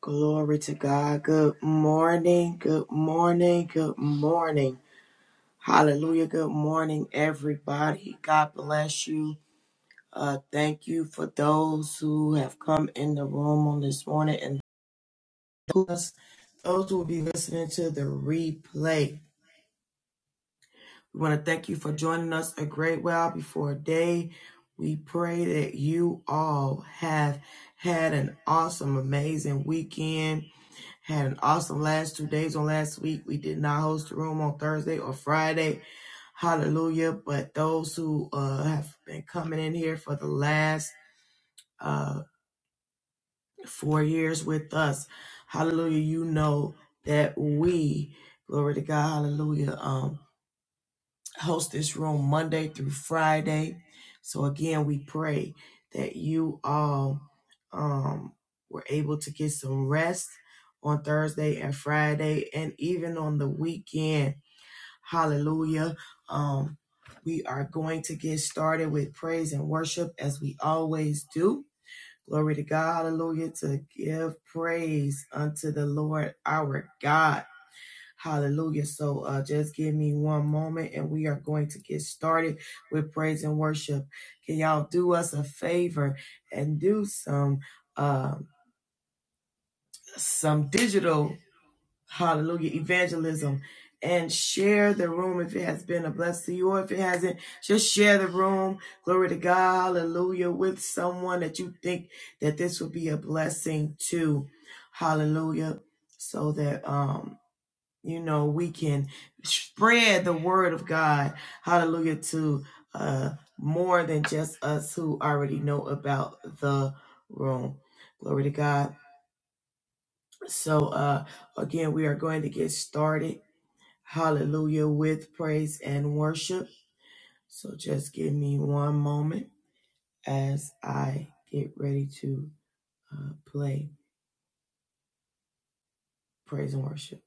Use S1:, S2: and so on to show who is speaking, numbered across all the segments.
S1: Glory to God. Good morning. Good morning. Good morning. Hallelujah. Good morning, everybody. God bless you. Uh, thank you for those who have come in the room on this morning and those those who will be listening to the replay. We want to thank you for joining us a great while before day. We pray that you all have had an awesome, amazing weekend Had an awesome last two days on last week. We did not host the room on Thursday or Friday. Hallelujah. But those who uh, have been coming in here for the last uh, four years with us, hallelujah, you know that we, glory to God, hallelujah. Um host this room Monday through Friday. So again, we pray that you all um, were able to get some rest on Thursday and Friday, and even on the weekend. Hallelujah. Um, we are going to get started with praise and worship as we always do. Glory to God. Hallelujah. To give praise unto the Lord our God. Hallelujah. So uh, just give me one moment and we are going to get started with praise and worship. Can y'all do us a favor and do some uh, some digital hallelujah evangelism and share the room if it has been a blessing to you or if it hasn't, just share the room. Glory to God, hallelujah, with someone that you think that this will be a blessing to. Hallelujah. So that um you know we can spread the word of god hallelujah to uh more than just us who already know about the room glory to god so uh again we are going to get started hallelujah with praise and worship so just give me one moment as i get ready to uh, play praise and worship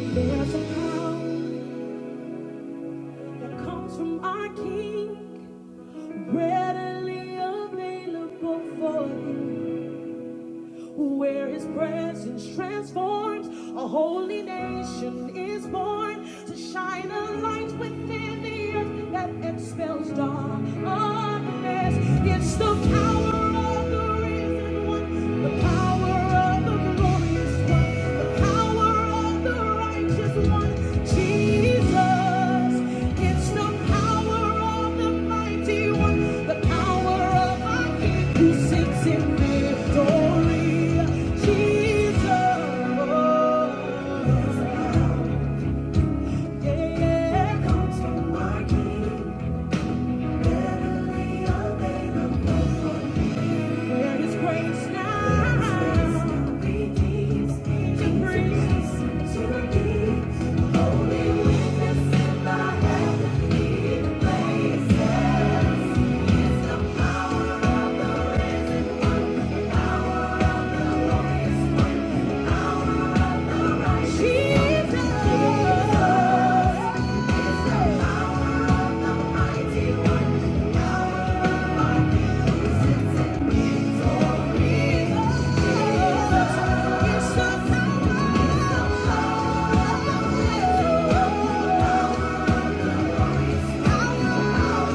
S1: There's a power that comes from our King. readily available for you. Where his presence transforms, a holy nation is born to shine a light within the earth that expels darkness. It's the power of the risen one, the power of the glorious one. Yeah, comes from my king, better lay a man above. There is grace now. To grace. Thank you.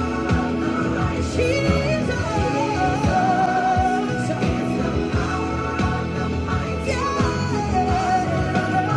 S1: Jesus. the power of the mighty.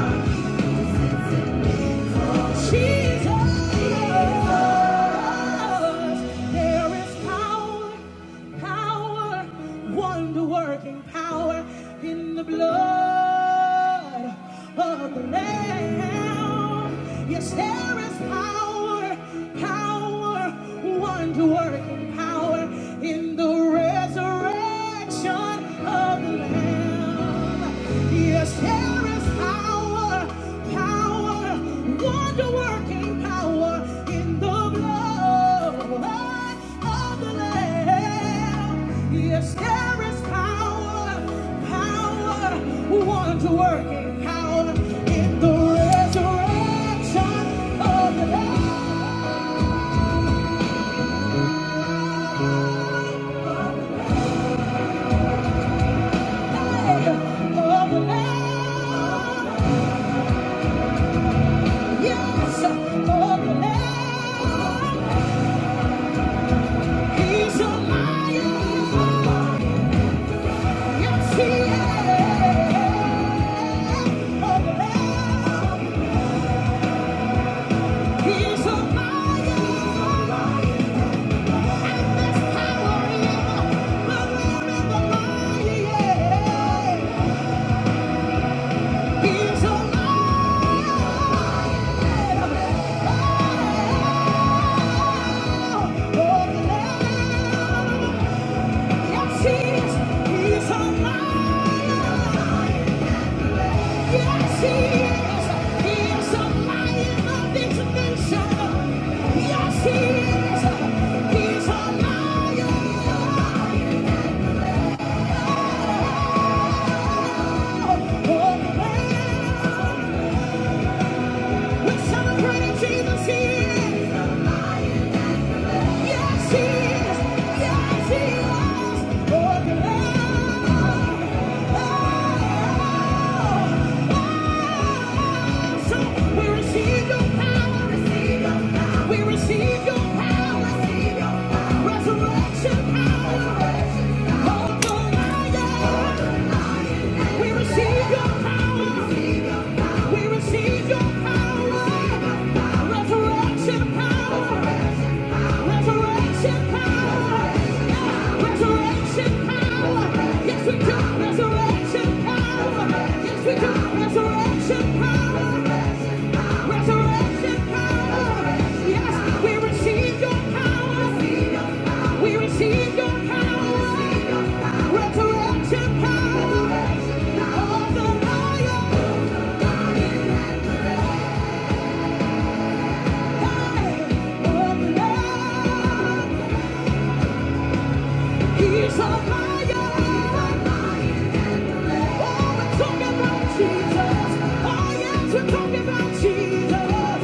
S1: Working power in the blood of the Lamb. Yes, there is power, power, wonder working power in the resurrection. Yes, there is power, power, wonder-working power in the blood of the Lamb. Yes, there is power, power, wonder-working power in the resurrection of the Lamb. Of the Lamb. Yes, for the Lamb, He's a lion. Yes, He is. For the Lamb, He's a lion. And there's power in the roar of the lion. He's a lion. Oh, the Lamb. Yes, he is. He's on my Yes, he is. He is a lion of Yes, he is. He a lion of war. We celebrate Jesus. is. Yes, he is. Yes, he was. Oh, oh, oh. So we receive your power, receive your power. We receive your power, receive your power. Resurrection power, resurrection the Lion. We receive your power, receive your power. We receive your power, receive your power. Resurrection power. Resurrection power! Resurrection power! Yes, we do! Resurrection power! Yes, we do! Resurrection power! Resurrection power! Yes, we receive your power! We receive your power! Resurrection power! Of the lion! Hey! Of love! He's on fire. Oh, we're talking about Jesus. Oh, yes, we're talking about Jesus.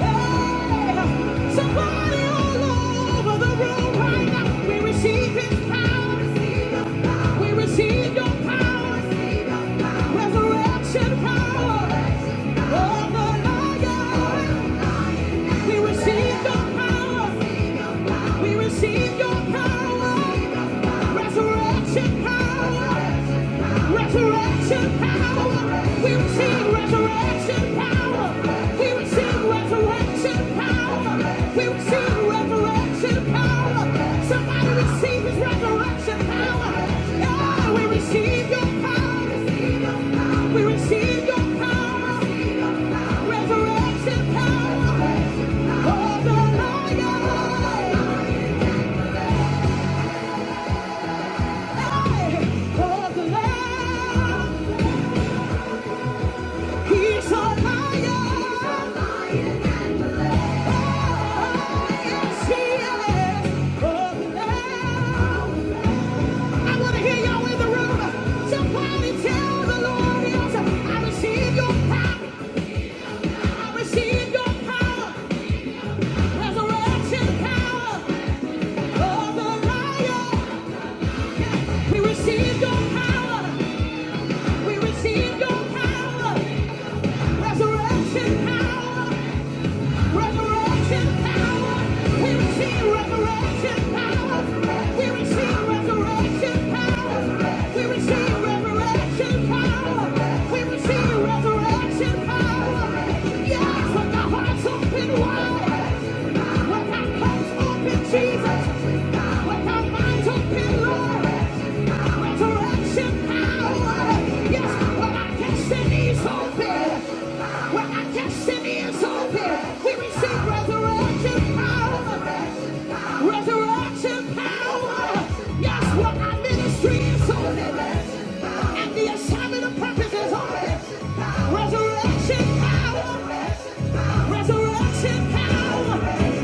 S1: Hey, somebody all over the room right now. We receive His power. We receive Your power. Resurrection power. Over lion. We receive Your power. We receive Your power. Resurrection power! Resurrection power! We receive resurrection power! We receive resurrection power! We receive resurrection power! Somebody receive his resurrection power! Yeah, we receive your power! We receive your power! Resurrection power! Of the Lion! Hey, of the Lamb! He's a lion. Yes, he is. I want to hear y'all in the room. Somebody tell the Lord, yes, I receive your power. I receive your power. Resurrection power of the lion. We receive your power. We receive your power. Resurrection power. Resurrection power. We receive resurrection power. We receive resurrection power. We receive resurrection power. We receive resurrection power. Yes, with the hearts open wide. With our hearts open, Jesus. With our minds open, Lord. Resurrection power. Yes, with our destinies open. When our destiny is open, we receive resurrection power. Resurrection power. Yes, when our ministry is open, and the assignment of purpose is open. Resurrection power. Resurrection power.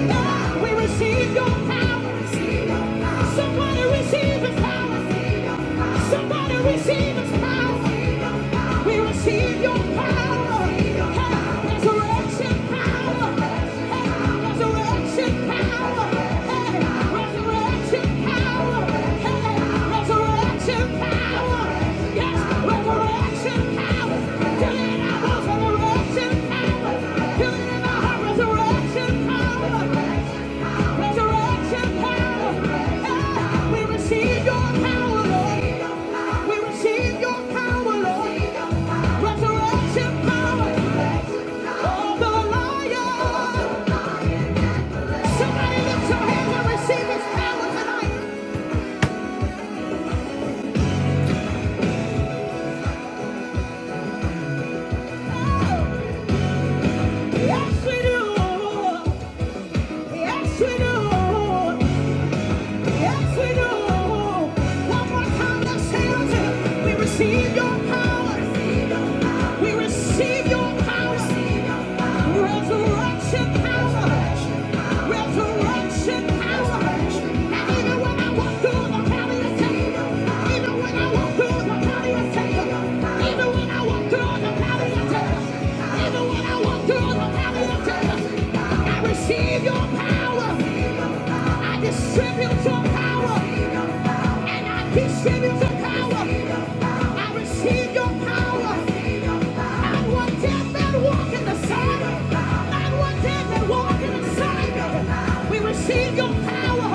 S1: God, we receive your power. Somebody receive his power. Somebody receive his power. We receive your power. Hey, Resurrection power. Hey, Resurrection power. Hey, Resurrection power. Hey, Resurrection power. Yes, resurrection power. Till it in our hearts, resurrection power. Till it in our hearts, resurrection power. Resurrection power. Hey, we receive your power, Lord. We receive your power, Lord. Resurrection power. Of the lion. Somebody lift your hands and receive his power tonight. Yes, we do. Yes, we do. Yes, we do. One more time, let's shout it. We receive your power. We receive your power. Resurrection power. Resurrection power. even when I walk through the valley of Satan, even when I walk through the valley of Satan, even when I walk through the valley of Satan, even when I walk through the valley of Satan, I receive your power. I distribute your power. And I distribute your power. I receive your power. Not one dead that walk in the sun. Not one dead that walk in the sun. We receive your power.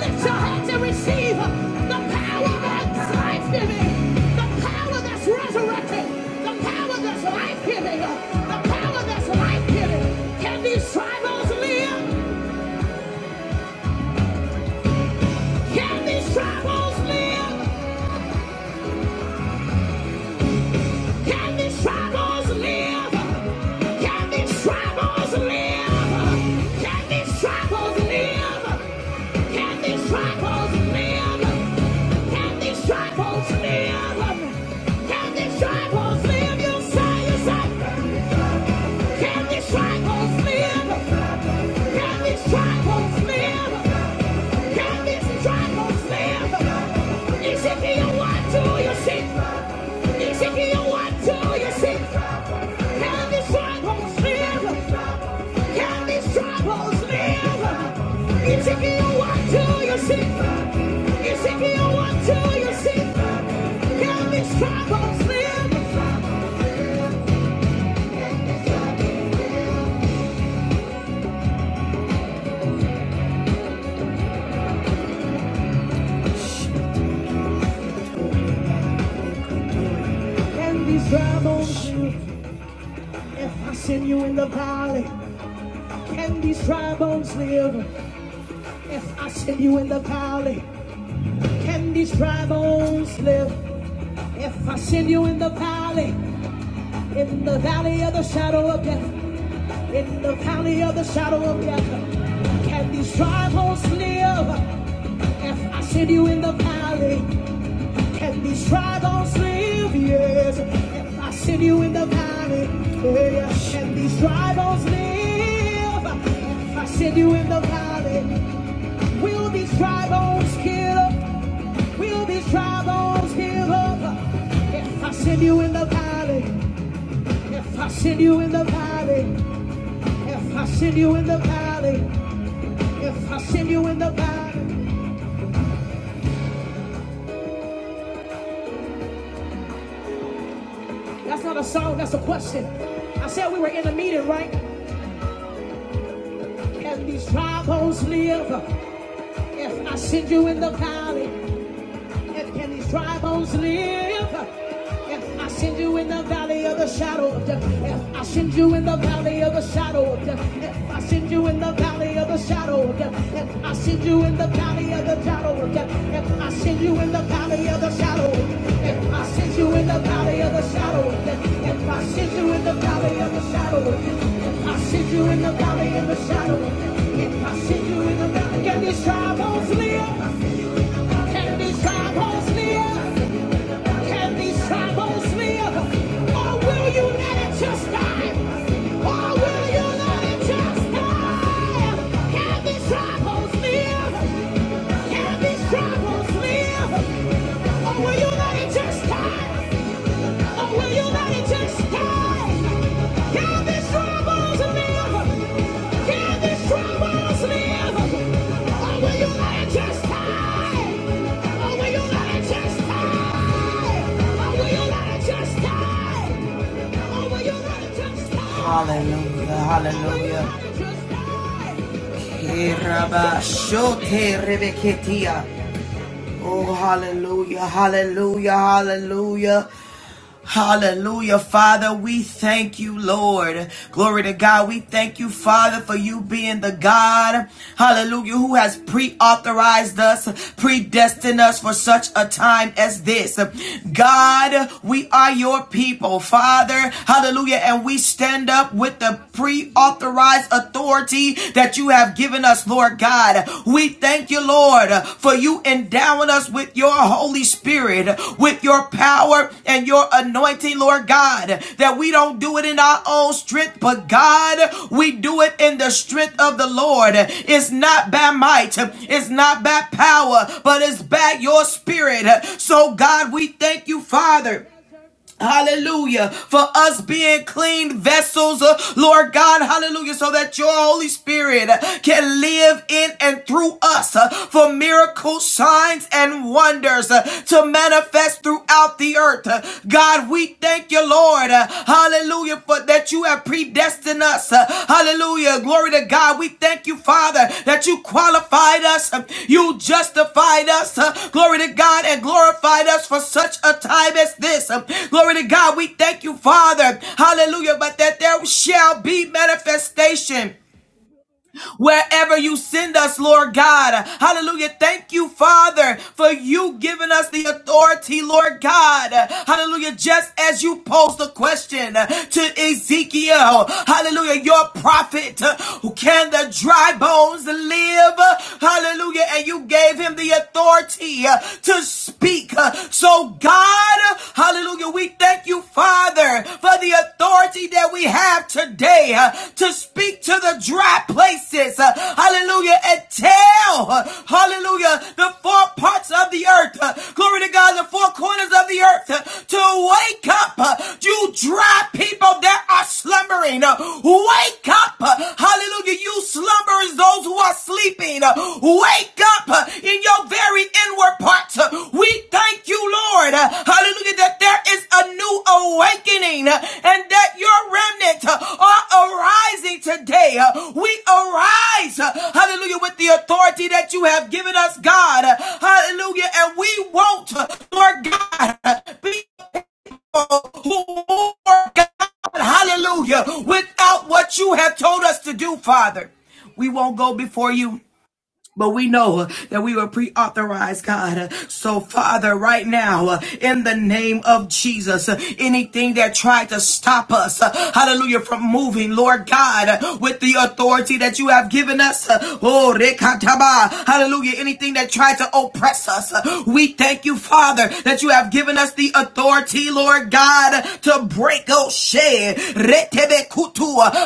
S1: Lift your hands and receive the power that's life-giving. The power that's resurrected. The power that's life-giving. The power that's life-giving. Can these tribals live? Can these troubles live? Can these troubles live? Can these troubles live? Can these troubles live? Can these troubles live? Can these troubles live? Can these troubles live? You say, you say, can these troubles live? Can these troubles live? Can these troubles live? You what do you see? dry bones live? If I send you in the valley, can these dry bones live? If I send you in the valley, can these dry bones live? If I send you in the valley, in the valley of the shadow of death, In the valley of the shadow of death, can these dry bones live? If I send you in the valley, can these dry bones live? Yes. If I send you in the valley, yeah, yeah. can these dry bones live? If I send you in the valley, will these dry bones get up? Will these dry bones give up? If I send you in the valley, if I send you in the valley, if I send you in the valley, If I send you in the Bible, that's not a song, that's a question. I said we were in a meeting, right? Can these dry bones live? If I send you in the valley, can these dry bones live? If I send you in the valley of the shadow of death, if I send you in the valley of the shadow of death, if I send you in the valley of the shadow of death, if I send you in the valley of the shadow of death, if I send you in the valley of the shadow, if I send you in the valley of the shadow of death, if I send you in the valley of the shadow of death, if I send you in the valley of the shadow of death, I send you in the valley, can these dry bones live? Can these dry bones live? Can these dry live? Or will you let it just die? Or will you let it just die? Can these dry live? Can these dry live? Or will you let it just die? Hallelujah, hallelujah. Oh, hallelujah, hallelujah, hallelujah. Hallelujah, Father. We thank you, Lord. Glory to God. We thank you, Father, for you being the God, hallelujah, who has pre authorized us, predestined us for such a time as this. God, we are your people, Father, hallelujah, and we stand up with the pre authorized authority that you have given us us, Lord God. We thank you, Lord, for you endowing us with your Holy Spirit, with your power and your anointing, Lord God, that we don't do it in our own strength, but God, we do it in the strength of the Lord. It's not by might, it's not by power, but it's by your spirit. So, God, we thank you, Father Hallelujah. For us being clean vessels, uh, Lord God, hallelujah, so that your Holy Spirit uh, can live in and through us uh, for miracles, signs, and wonders uh, to manifest throughout the earth. Uh, God, we thank you, Lord. uh, Hallelujah, for that that you have predestined us. Uh, Hallelujah. Glory to God. We thank you, Father, that you qualified us. uh, You justified us. uh, Glory to God and glorified us for such a time as this. Uh, Glory to God. We thank you, Father. Hallelujah. But that there shall be manifestation wherever you send us, Lord God. Hallelujah. Thank you, Father, for you giving us the authority, Lord God. Hallelujah. Just as you posed the question to Ezekiel, hallelujah, your prophet, can the dry bones live? Hallelujah. And you gave him the authority to speak. So, God, Hallelujah. We thank you, Father, for the authority that we have today uh, to speak to the dry places. uh, Hallelujah. And tell, uh, hallelujah, the four parts of the earth. uh, Glory to God, the four corners of the earth uh, to wake up. uh, You dry people that are slumbering. uh, Wake up. uh, Hallelujah. You slumber concerns those who are sleeping. Uh, Wake up uh, in your very inward parts. Uh, We thank you, Lord. uh, Hallelujah, that there is a new awakening uh, and that your remnant uh, are arising today. Uh, We arise, uh, hallelujah, with the authority that you have given us, God. Uh, Hallelujah, and we won't, uh, Lord God, uh, be who God, hallelujah, without what you have told us to do, Father. We won't go before you. But we know uh, that we were pre-authorized, God. Uh, So Father, right now, uh, in the name of Jesus, uh, anything that tried to stop us, uh, hallelujah, from moving, Lord God, uh, with the authority that you have given us, uh, oh, rekataba, hallelujah, anything that tried to oppress us, uh, we thank you, Father, that you have given us the authority, Lord God, uh, to break, oh, shed,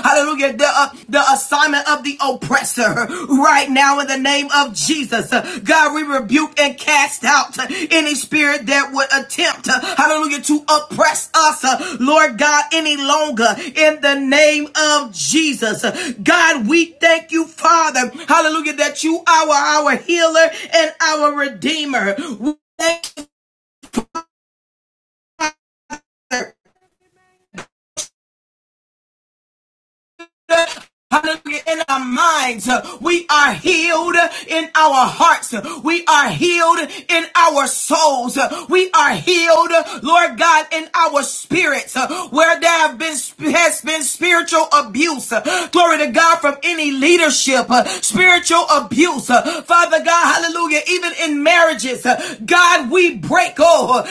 S1: Hallelujah. The, uh, the assignment of the oppressor right now in the name of Jesus. Uh, God, we rebuke and cast out uh, any spirit that would attempt, uh, hallelujah, to oppress us, uh, Lord God, any longer in the name of Jesus. Uh, God, we thank you, Father. Hallelujah, that you are our healer and our redeemer. We thank you. Hallelujah. In our minds, uh, we are healed in our hearts. We are healed in our souls. We are healed, Lord God, in our spirits. uh, Where there have been has been spiritual abuse. Uh, Glory to God from any leadership, uh, spiritual abuse. Uh, Father God, hallelujah. Even in marriages, uh, God, we break. Oh,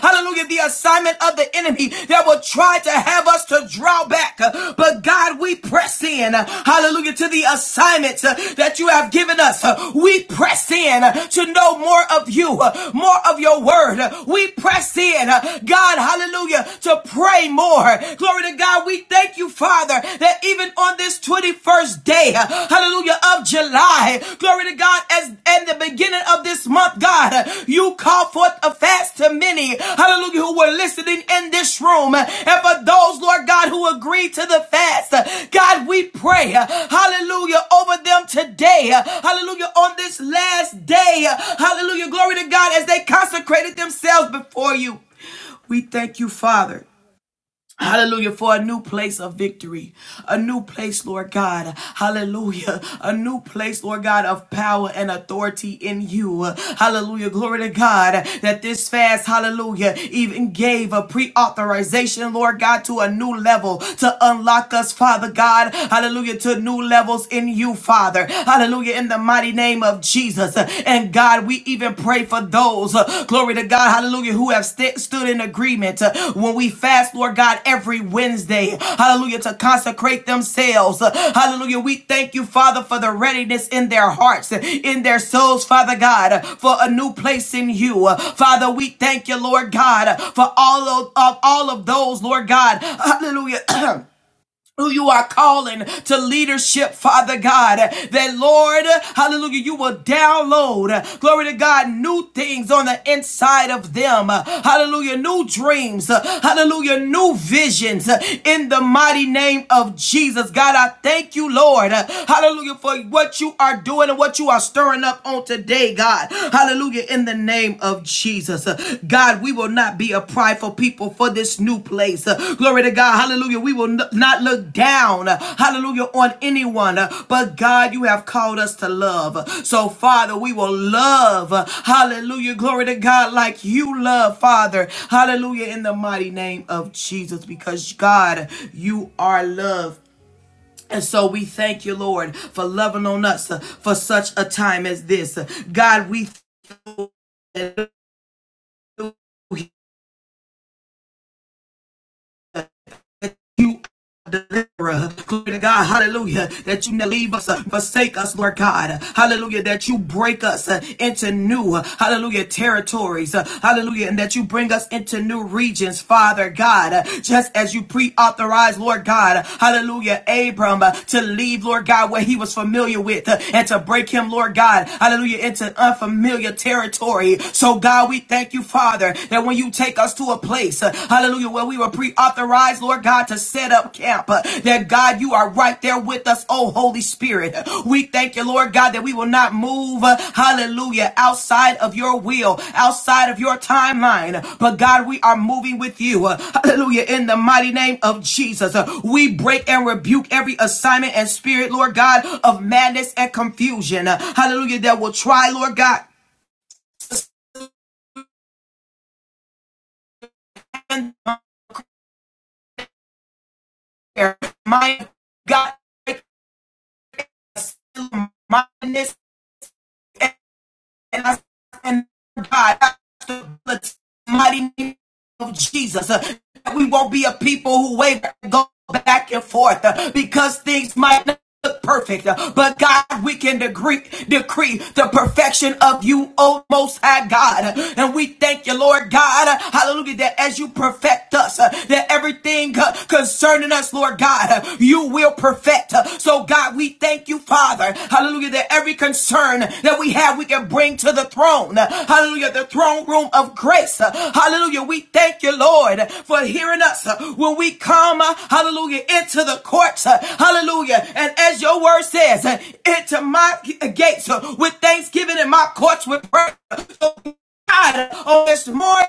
S1: Hallelujah. The assignment of the enemy that will try to have us to draw back. But God, we press in. Hallelujah. To the assignments uh, that you have given us. We press in to know more of you, more of your word. We press in. God, hallelujah, to pray more. Glory to God. We thank you, Father, that even on this 21st day, hallelujah, hallelujah, of July. Glory to God, as in the beginning of this month, God, you called forth a fast to many, hallelujah, who were listening in this room. And for those, Lord God, who agreed to the fast, God, we pray, hallelujah, over them today, hallelujah, on this last day, hallelujah, glory to God, as they consecrated themselves before you. We thank you, Father Hallelujah, for a new place of victory, a new place, Lord God. Hallelujah, a new place, Lord God, of power and authority in you. Hallelujah, glory to God that this fast, hallelujah, even gave a pre authorization, Lord God, to a new level to unlock us, Father God. Hallelujah, to new levels in you, Father. Hallelujah, in the mighty name of Jesus. And God, we even pray for those, uh, glory to God, hallelujah, who have st- stood in agreement uh, when we fast, Lord God, every Wednesday, hallelujah, to consecrate themselves. Uh, hallelujah, we thank you, Father, for the readiness in their hearts, uh, in their souls, Father God, uh, for a new place in you. Uh, Father, we thank you, Lord God, uh, for all of, of all of those, Lord God, hallelujah. who you are calling to leadership, Father God. That Lord, hallelujah, you will download, glory to God, new things on the inside of them. Hallelujah, new dreams, hallelujah, new visions in the mighty name of Jesus. God, I thank you, Lord, hallelujah, for what you are doing and what you are stirring up on today, God. Hallelujah, in the name of Jesus. Uh, God, we will not be a prideful people for this new place. Uh, Glory to God. Hallelujah. We will n- not look down, uh, hallelujah, on anyone. Uh, But God, you have called us to love. Uh, So, Father, we will love. uh, Hallelujah. Glory to God like you love, Father. Hallelujah. In the mighty name of Jesus, because God, you are love. And so we thank you, Lord, for loving on us uh, for such a time as this. Uh, God, we thank you. You deliverer. Glory to God, hallelujah, that you never leave us, uh, forsake us, Lord God, hallelujah, that you break us uh, into new, uh, hallelujah, territories, uh, hallelujah, and that you bring us into new regions, Father God, uh, just as you pre authorized, Lord God, hallelujah, Abram uh, to leave, Lord God, where he was familiar with, uh, and to break him, Lord God, hallelujah, into unfamiliar territory. So, God, we thank you, Father, that when you take us to a place, uh, hallelujah, where we were pre authorized, Lord God, to set up camp. Uh, that God, you are right there with us, oh Holy Spirit. Uh, We thank you, Lord God, that we will not move, uh, hallelujah, outside of your will, outside of your timeline. But God, we are moving with you, uh, hallelujah, in the mighty name of Jesus. Uh, we break and rebuke every assignment and spirit, Lord God, of madness and confusion, Uh, hallelujah, that will try, Lord God, my God. mindedness and I and God, the mighty name of Jesus. Uh, We won't be a people who waver and go back and forth uh, because things might not look perfect. Uh, But God, we can decree, decree the perfection of you, O Most High God. Uh, And we thank you, Lord God, uh, hallelujah, that as you perfect us, uh, that everything uh, concerning us, Lord God, uh, you will perfect yet. So God, we thank you, Father. Hallelujah. That every concern that we have, we can bring to the throne. Hallelujah. The throne room of grace. Hallelujah. We thank you, Lord, for hearing us when we come, hallelujah, into the courts. Hallelujah. And as your word says, into my gates with thanksgiving and my courts with praise. God, on this morning,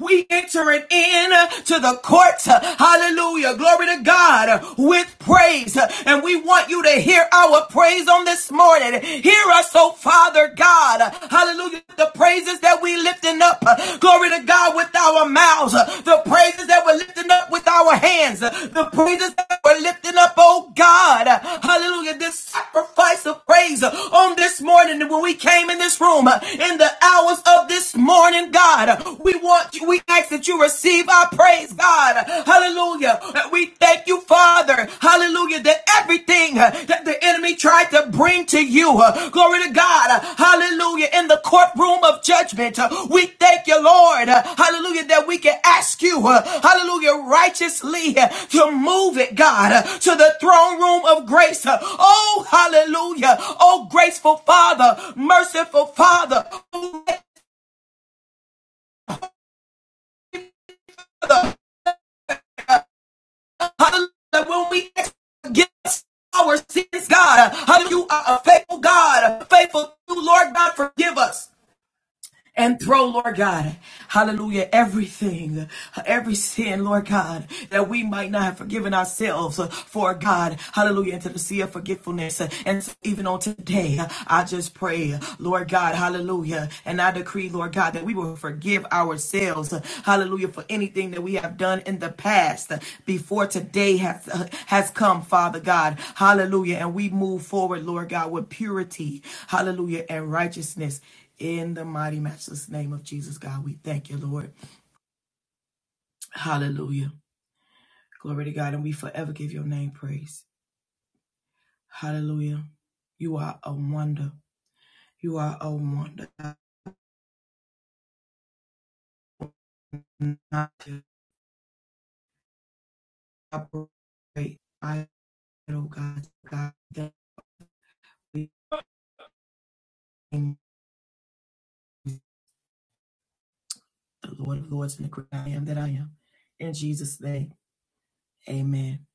S1: we entering in to the courts. Hallelujah. Glory to God with praise. And we want you to hear our praise on this morning. Hear us, oh Father God. Hallelujah. The praises that we lifting up. Glory to God with our mouths. The praises that we're lifting up with our hands. The praises that we're lifting up, oh God. Hallelujah. This sacrifice of praise on this morning when we came in this room in the hours of of this morning, God. We want you, we ask that you receive our praise, God. Hallelujah. We thank you, Father. Hallelujah. That everything that the enemy tried to bring to you, glory to God. Hallelujah. In the courtroom of judgment, we thank you, Lord. Hallelujah. That we can ask you, hallelujah, righteously to move it, God, to the throne room of grace. Oh, hallelujah. Oh, graceful Father, merciful Father. Oh, Hallelujah. When we give our sins, God, uh, hallelujah, you are a faithful God, faithful to you, Lord God, forgive us and throw, Lord God, hallelujah, everything, every sin, Lord God, that we might not have forgiven ourselves uh, for, God, hallelujah, into the sea of forgetfulness. Uh, And so even on today, uh, I just pray, uh, Lord God, hallelujah, and I decree, Lord God, that we will forgive ourselves, uh, hallelujah, for anything that we have done in the past uh, before today has, uh, has come, Father God, hallelujah, and we move forward, Lord God, with purity, hallelujah, and righteousness in the mighty, matchless name of Jesus, God, we thank you, Lord. Hallelujah. Glory to God, and we forever give your name praise. Hallelujah. You are a wonder. You are a wonder. Not to operate. I, oh God, God, that we thank the Lord of Lords and the great I am that I am. In Jesus' name, amen.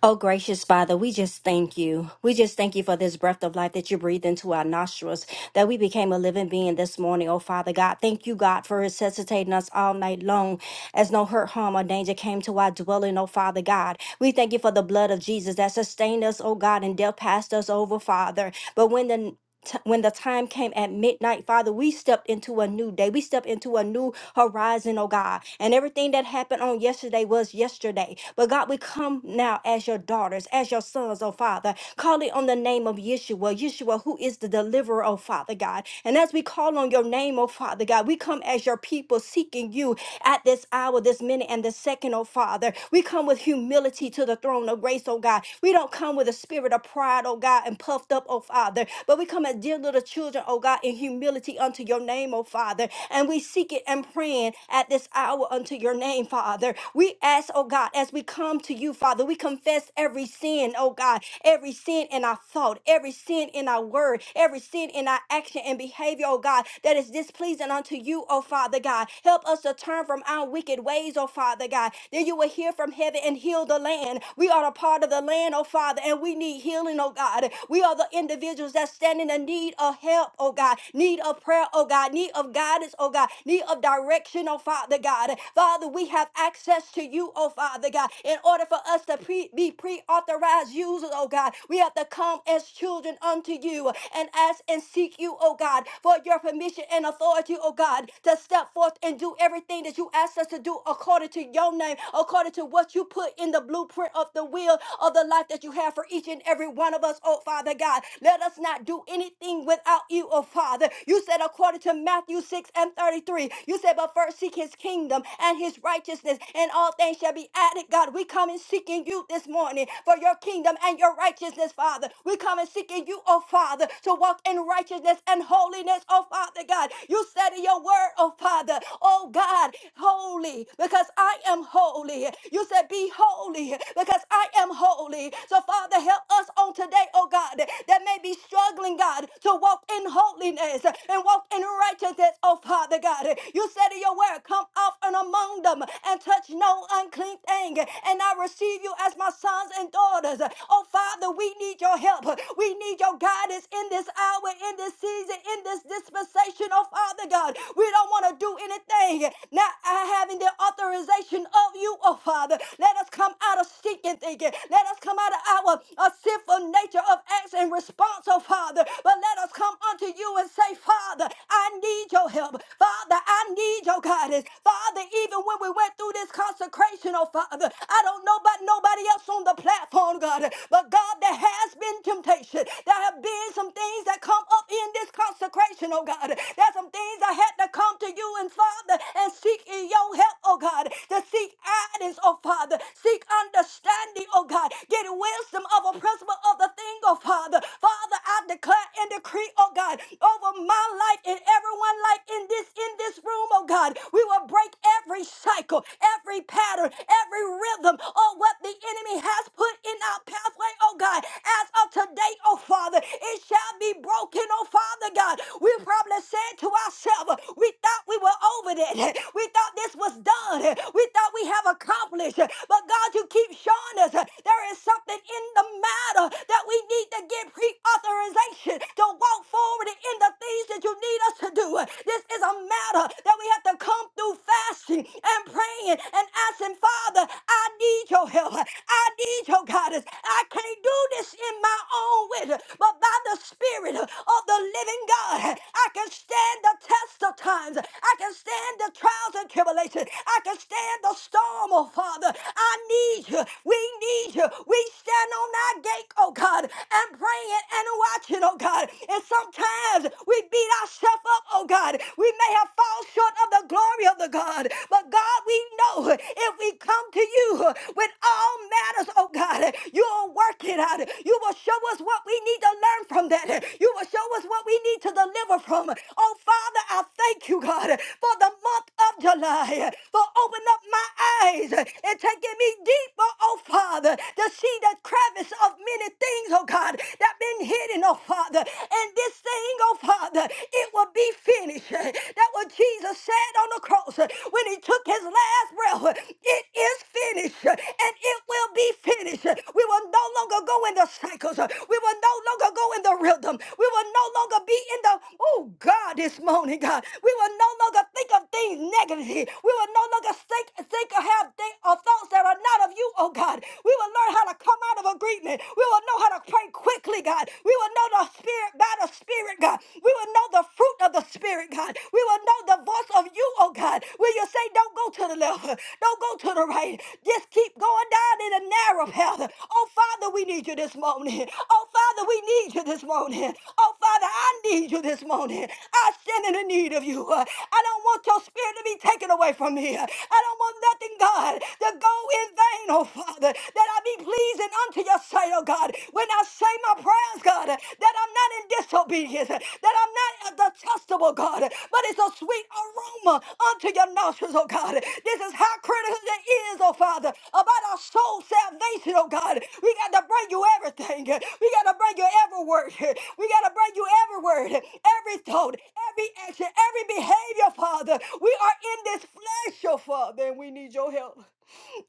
S2: Oh, gracious Father, we just thank you. We just thank you for this breath of life that you breathed into our nostrils, that we became a living being this morning, oh Father God. Thank you, God, for resuscitating us all night long as no hurt, harm, or danger came to our dwelling, oh Father God. We thank you for the blood of Jesus that sustained us, oh God, and death passed us over, Father. But when the t- when the time came at midnight, Father, we stepped into a new day. We stepped into a new horizon, oh God. And everything that happened on yesterday was yesterday. But God, we come now as your daughters, as your sons, oh Father, calling on the name of Yeshua, Yeshua, who is the deliverer, oh Father God. And as we call on your name, oh Father God, we come as your people seeking you at this hour, this minute, and this second, oh Father. We come with humility to the throne of grace, oh God. We don't come with a spirit of pride, oh God, and puffed up, oh Father. Father. But we come as dear little children, oh God, in humility unto your name, oh Father. And we seek it and praying at this hour unto your name, Father. We ask, oh God, as we come to you, Father, we confess every sin, oh God, every sin in our thought, every sin in our word, every sin in our action and behavior, oh God, that is displeasing unto you, oh Father God. Help us to turn from our wicked ways, oh Father God. Then you will hear from heaven and heal the land. We are a part of the land, oh Father, and we need healing, oh God. We are the individuals that stand in the need of help, oh God, need of prayer, oh God, need of guidance, oh God, need of direction, oh Father God. Father, we have access to you, oh Father God. In order for us to pre- be pre authorized users, oh God, we have to come as children unto you and ask and seek you, oh God, for your permission and authority, oh God, to step forth and do everything that you ask us to do according to your name, according to what you put in the blueprint of the will of the life that you have for each and every one of us, oh Father. Father God. Let us not do anything without you, oh Father. You said, according to Matthew 6 and 33, you said, but first seek his kingdom and his righteousness, and all things shall be added. God, we come and seeking you this morning for your kingdom and your righteousness, Father. We come and seeking you, oh Father, to walk in righteousness and holiness, oh Father God. You said in your word, oh Father, oh God, holy, because I am holy. You said, be holy, because I am holy. So, Father, help us on today today, oh God, that may be struggling, God, to walk in holiness and walk in righteousness, oh Father God. You said in your word, come off and among them and touch no unclean thing. And I receive you as my sons and daughters. Oh Father, we need your help. We need your guidance in this hour, in this season, in this dispensation, oh Father God. We don't want to do anything not having the authorization of you, oh Father. Let us come out of stinking thinking. Let us come out of our sinful nature of acts in response, oh Father. But let us come unto you and say, Father, I need your help. Father, I need your guidance. Father, even when we went through this consecration, oh Father, I don't know about nobody else on the platform, God, but God, there has been temptation. There have been some things that come up in this consecration, oh God. There's some things I had to come to you and Father and seek in your help, oh God, to seek guidance, oh Father, seek understanding, oh God, get wisdom wisdom of a principle of the thing, oh Father. Father, I declare and decree, oh God, over my life and everyone like in this in this room, oh God. We will break every cycle, every pattern, every rhythm of what the enemy has put in our pathway, oh God. As of today, oh Father, it shall be broken, oh Father God. We probably said to ourselves, we thought we were over that. We thought this was done. We thought we have accomplished. But God, you keep showing us there is something in the matter that we need to get pre-authorization to walk forward in the things that you need us to do. This is a matter that we have to come through fasting and praying and asking, Father, I need your help. I need your guidance. I can't do this in my own way, but by the Spirit, of the living God. I can stand the test of times. I can stand the trials and tribulations. I can stand the storm, oh Father. I need you. We need you. We stand on that gate, oh God, and praying and watching, oh God. And sometimes we beat ourselves up, oh God. We may have fallen short of the glory of the God. But God, we know if we come to you with all matters, oh God. God. You will work it out. You will show us what we need to learn from that. You will show us what we need to deliver from. Oh, Father, I thank you, God, for the month of July, for opening up my eyes and taking me deeper, oh, Father, to see the crevice of many things, oh, God, that been hidden, oh, Father. And this thing, oh, Father, it will be finished. That what Jesus said on the cross when he took took his last breath. It is finished and it will be finished. We will no longer go in the cycles. We will no longer go in the rhythm. We will no longer be in the, oh God, this morning, God. We will no longer think of things negatively. We will no longer think, think or have think, or thoughts that are not of you, oh God. We will learn how to come out of agreement. We will know how to pray quickly, God. We will know the spirit by the spirit, God. We will know know the fruit of the Spirit, God. We will know the voice of you, oh God. Will you say, don't go to the left, don't go to the right. Just keep going down in a narrow path. Oh, Father, we need you this morning. Oh, Father, we need you this morning. Oh, Father, I need you this morning. I stand in the need of you. I don't want your spirit to be taken away from me. I don't want nothing, God, to go in vain, oh, Father, that I be pleasing unto your sight, oh, God when I say my prayers, God, that I'm not in disobedience, that I'm not detestable, God, but it's a sweet aroma unto your nostrils, oh God. This is how critical it is, oh Father, about our soul salvation, oh God. We got to bring you everything. We got to bring you every word. We got to bring you every word, every thought, every action, every behavior, Father. We are in this flesh, oh Father, and we need your help.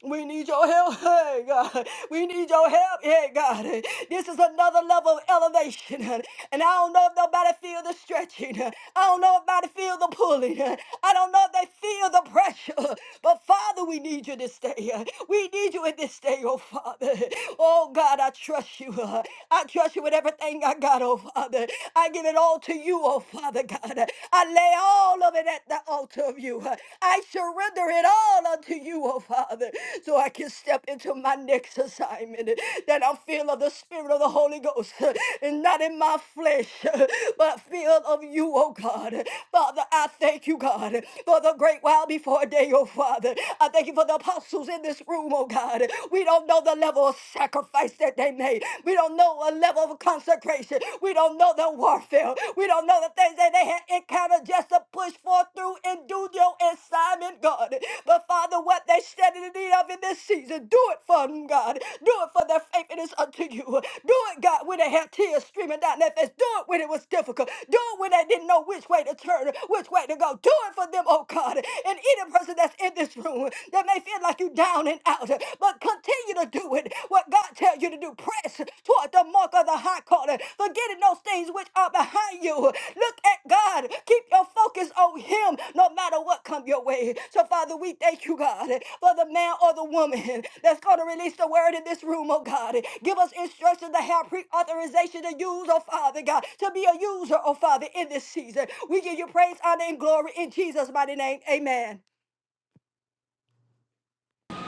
S2: We need your help, hey God. We need your help, hey God. This is another level of elevation. And I don't know if nobody feel the stretching. I don't know if nobody feel the pulling. I don't know if they feel the pressure. But Father, we need you this day. We need you in this day, oh Father. Oh God, I trust you. I trust you with everything I got, oh Father. Father. I give it all to you, oh Father God. I lay all of it at the altar of you. I surrender it all unto you, oh Father, so I can step into my next assignment that I'm filled of the Spirit of the Holy Ghost and not in my flesh, but filled of you, oh God. Father, I thank you, God, for the great while before day, oh Father. I thank you for the apostles in this room, oh God. We don't know the level of sacrifice that they they made. We don't know a level of consecration. We don't know the warfare. We don't know the things that they had encountered just to push forth through and do your assignment, God. But Father, what they stand in the need of in this season, do it for them, God. Do it for their faithfulness unto you. Do it, God, when they had tears streaming down their face. Do it when it was difficult. Do it when they didn't know which way to turn, which way to go. Do it for them, oh God. And any person that's in this room that may feel like you down and out out, but continue to do it. What God tells you to do, press toward the mark of the high calling, forgetting those things which are behind you. Look at God. Keep your focus on Him, no matter what come your way. So, Father, we thank you, God, for the man or the woman that's going to release the word in this room, oh God. Give us instructions to have pre-authorization to use, oh Father God, to be a user, oh Father, in this season. We give you praise, honor, and glory in Jesus' mighty name. Amen.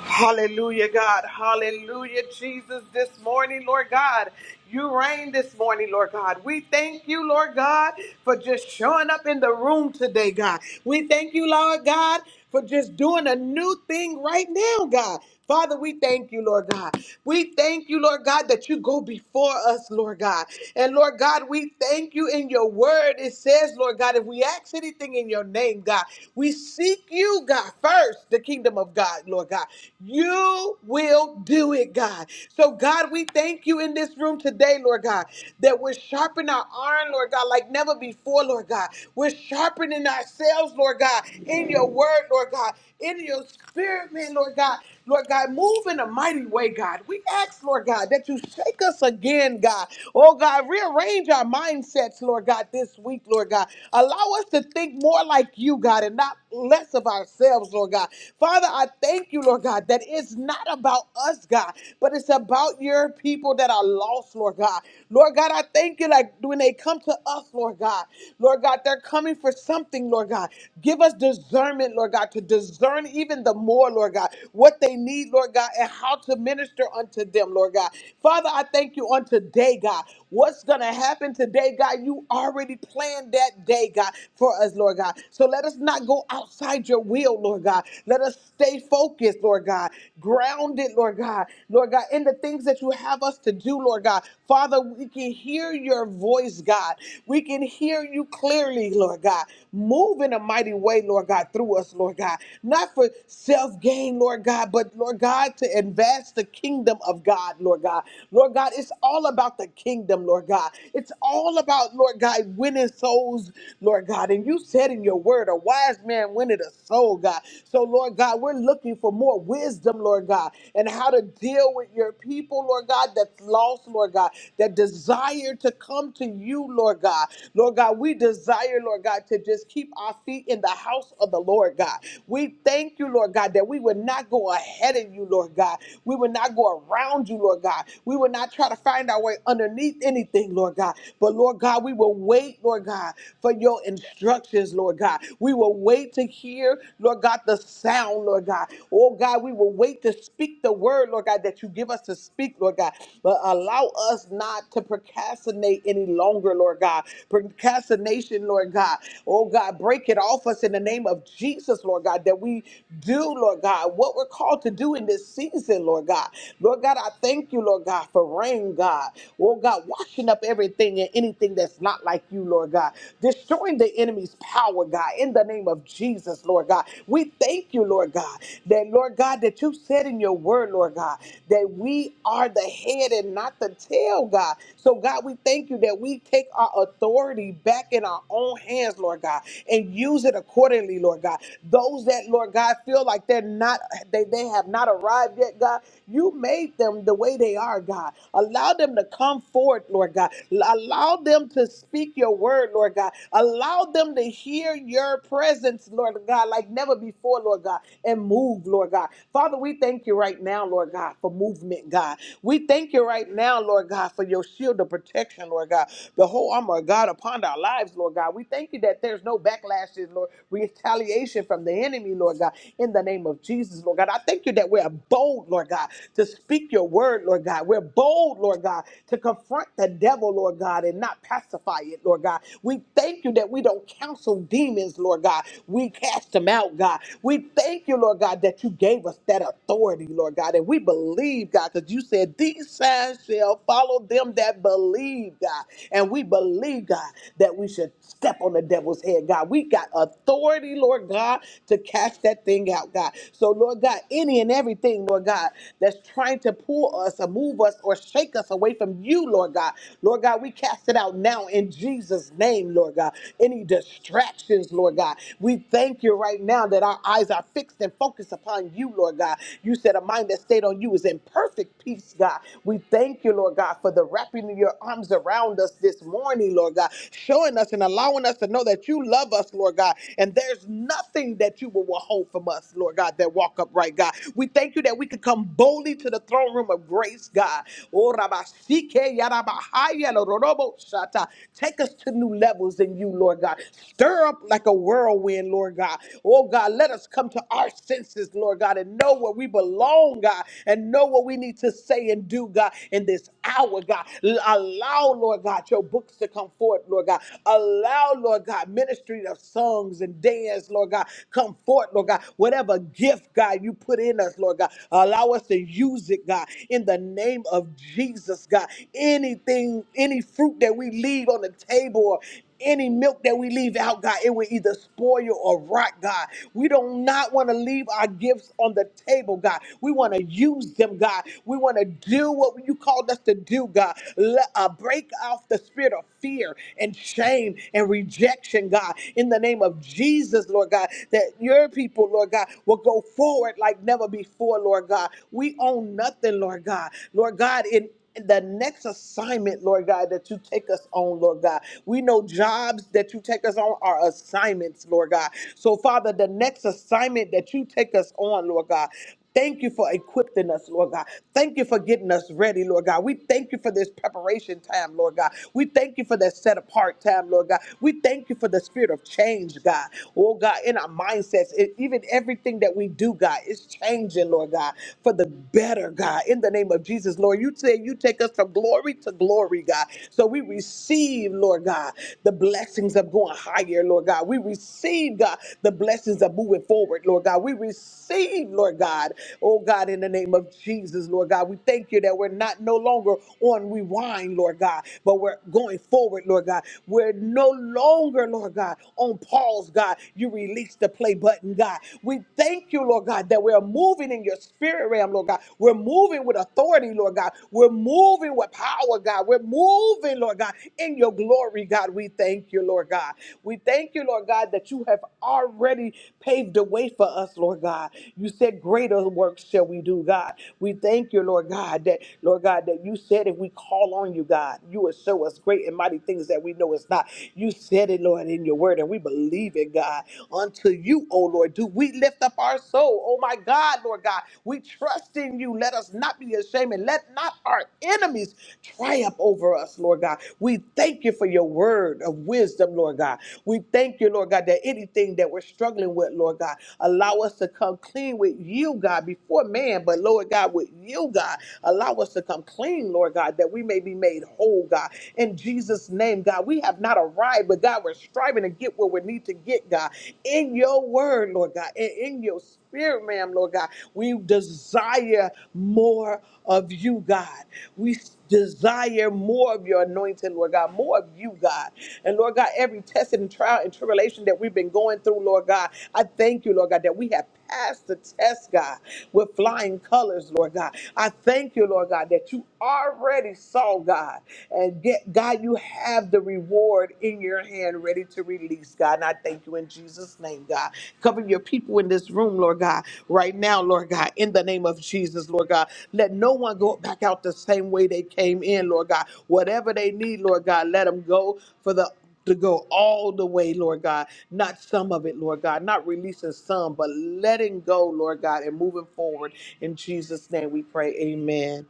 S3: Hallelujah, God. Hallelujah, Jesus, this morning, Lord God. You reign this morning, Lord God. We thank you, Lord God, for just showing up in the room today, God. We thank you, Lord God, for just doing a new thing right now, God. Father, we thank you, Lord God. We thank you, Lord God, that you go before us, Lord God. And Lord God, we thank you in your word. It says, Lord God, if we ask anything in your name, God, we seek you, God, first, the kingdom of God, Lord God. You will do it, God. So, God, we thank you in this room today, Lord God, that we're sharpening our iron, Lord God, like never before, Lord God. We're sharpening ourselves, Lord God, in your word, Lord God in your spirit, man, Lord God. Lord God, move in a mighty way, God. We ask, Lord God, that you shake us again, God. Oh, God, rearrange our mindsets, Lord God, this week, Lord God. Allow us to think more like you, God, and not less of ourselves, Lord God. Father, I thank you, Lord God, that it's not about us, God, but it's about your people that are lost, Lord God. Lord God, I thank you, like when they come to us, Lord God, Lord God, they're coming for something, Lord God. Give us discernment, Lord God. God, to discern even the more, Lord God, what they need, Lord God, and how to minister unto them, Lord God. Father, I thank you on today, God. What's going to happen today, God? You already planned that day, God, for us, Lord God. So let us not go outside your will, Lord God. Let us stay focused, Lord God, grounded, Lord God, Lord God, in the things that you have us to do, Lord God. Father, we can hear your voice, God. We can hear you clearly, Lord God. Move in a mighty way, Lord God. God, through us, Lord God. Not for self gain, Lord God, but Lord God, to advance the kingdom of God, Lord God. Lord God, it's all about the kingdom, Lord God. It's all about, Lord God, winning souls, Lord God. And you said in your word, a wise man winneth a soul, God. So, Lord God, we're looking for more wisdom, Lord God, and how to deal with your people, Lord God, that's lost, Lord God, that desire to come to you, Lord God. Lord God, we desire, Lord God, to just keep our feet in the house of the Lord God. We thank you, Lord God, that we would not go ahead of you, Lord God. We would not go around you, Lord God. We would not try to find our way underneath anything, Lord God. But Lord God, we will wait, Lord God, for your instructions, Lord God. We will wait to hear, Lord God, the sound, Lord God. Oh God, we will wait to speak the word, Lord God, that you give us to speak, Lord God. But allow us not to procrastinate any longer, Lord God. Procrastination, Lord God. Oh God, break break it off us in the name of Jesus, Lord God, that we do, Lord God, what we're called to do in this season, Lord God. Lord God, I thank you, Lord God, for rain, God. Oh God, washing up everything and anything that's not like you, Lord God. Destroying the enemy's power, God, in the name of Jesus, Lord God. We thank you, Lord God, that, Lord God, that you said in your word, Lord God, that we are the head and not the tail, God. So, God, we thank you that we take our authority back in our own hands, Lord God. God, and use it accordingly, Lord God. Those that, Lord God, feel like they're not, they, they have not arrived yet, God, you made them the way they are, God. Allow them to come forward, Lord God. L- Allow them to speak your word, Lord God. Allow them to hear your presence, Lord God, like never before, Lord God, and move, Lord God. Father, we thank you right now, Lord God, for movement, God. We thank you right now, Lord God, for your shield of protection, Lord God. The whole armor of God upon our lives, Lord God. We thank thank you that there's no backlashes, Lord, retaliation from the enemy, Lord God, in the name of Jesus, Lord God. I thank you that we're bold, Lord God, to speak your word, Lord God. We're bold, Lord God, to confront the devil, Lord God, and not pacify it, Lord God. We thank you that we don't counsel demons, Lord God. We cast them out, God. We thank you, Lord God, that you gave us that authority, Lord God. And we believe, God, because you said these signs shall follow them that believe, God. And we believe, God, that we should step on the devil's head, God. We got authority, Lord God, to cast that thing out, God. So, Lord God, any and everything, Lord God, that's trying to pull us or move us or shake us away from you, Lord God. Lord God, we cast it out now in Jesus' name, Lord God. Any distractions, Lord God. We thank you right now that our eyes are fixed and focused upon you, Lord God. You said a mind that stayed on you is in perfect peace, God. We thank you, Lord God, for the wrapping of your arms around us this morning, Lord God showing us and allowing us to know that you love us, Lord God. And there's nothing that you will withhold from us, Lord God, that walk upright, God. We thank you that we can come boldly to the throne room of grace, God. Oh, Rabba, Sike, Yaraba, Haya, Lo, Robo, Shata. Take us to new levels in you, Lord God. Stir up like a whirlwind, Lord God. Oh, God, let us come to our senses, Lord God, and know where we belong, God, and know what we need to say and do, God, in this hour, God. Allow, Lord God, your books to come forth, Lord God. Allow, Lord God, ministry of songs and dance, Lord God, come forth, Lord God. Whatever gift, God, you put in us, Lord God, allow us to use it, God, in the name of Jesus, God. Anything, any fruit that we leave on the table, or any milk that we leave out, God, it will either spoil or rot, God. We do not want to leave our gifts on the table, God. We want to use them, God. We want to do what you called us to do, God. Let, uh, break off the spirit of fear and shame and rejection, God, in the name of Jesus, Lord God, that your people, Lord God, will go forward like never before, Lord God. We own nothing, Lord God. Lord God, in the next assignment, Lord God, that you take us on, Lord God. We know jobs that you take us on are assignments, Lord God. So, Father, the next assignment that you take us on, Lord God. Thank you for equipping us, Lord God. Thank you for getting us ready, Lord God. We thank you for this preparation time, Lord God. We thank you for that set apart time, Lord God. We thank you for the spirit of change, God. Oh, God, in our mindsets, e- even everything that we do, God, is changing, Lord God, for the better, God, in the name of Jesus, Lord. You say you take us from glory to glory, God. So we receive, Lord God, the blessings of going higher, Lord God. We receive, God, the blessings of moving forward, Lord God. We receive, Lord God, oh God, in the name of Jesus, Lord God. We thank you that we're not no longer on rewind, Lord God, but we're going forward, Lord God. We're no longer, Lord God, on pause, God. You release the play button, God. We thank thank you, Lord God, that we're moving in your spirit realm, Lord God. We're moving with authority, Lord God. We're moving with power, God. We're moving, Lord God, in your glory, God. We thank you, Lord God. We thank you, Lord God, that you have already paved the way for us, Lord God. You said, Greater works shall we do, God. We thank you, Lord God, that, Lord God, that you said if we call on you, God, you will show us great and mighty things that we know it's not. You said it, Lord, in your word, and we believe it, God. God. Unto you, O Lord, do we lift up our soul. Oh my God, Lord God, we trust in you. Let us not be ashamed and let not our enemies triumph over us, Lord God. We thank you for your word of wisdom, Lord God. We thank you, Lord God, that anything that we're struggling with, Lord God, allow us to come clean with you, God, before man, but Lord God, with you, God, allow us to come clean, Lord God, that we may be made whole, God. In Jesus' name, God, we have not arrived arrive, but God, we're striving to get where we need to get, God. In your word, Lord God, and in your spirit, ma'am, Lord God, we desire more of you, God. We s- desire more of your anointing, Lord God, more of you, God. And Lord God, every test and trial and tribulation that we've been going through, Lord God, I thank you, Lord God, that we have pass the test, God, with flying colors, Lord God. I thank you, Lord God, that you already saw, God, and get, God, you have the reward in your hand ready to release, God. And I thank you in Jesus' name, God. Cover your people in this room, Lord God, right now, Lord God, in the name of Jesus, Lord God. Let no one go back out the same way they came in, Lord God. Whatever they need, Lord God, let them go for the to go all the way, Lord God, not some of it, Lord God, not releasing some, but letting go, Lord God, and moving forward. In Jesus' name we pray, amen.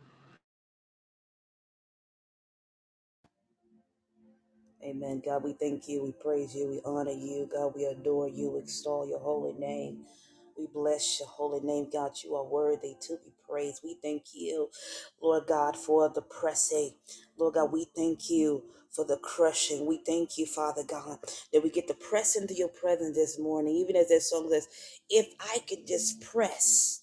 S4: Amen. God, we thank you. We praise you. We honor you. God, we adore you. We extol your holy name. We bless your holy name, God. You are worthy to be praised. We thank you, Lord God, for the pressing. Lord God, we thank you for the crushing. We thank you, Father God, that we get to press into your presence this morning. Even as that song says, if I could just press.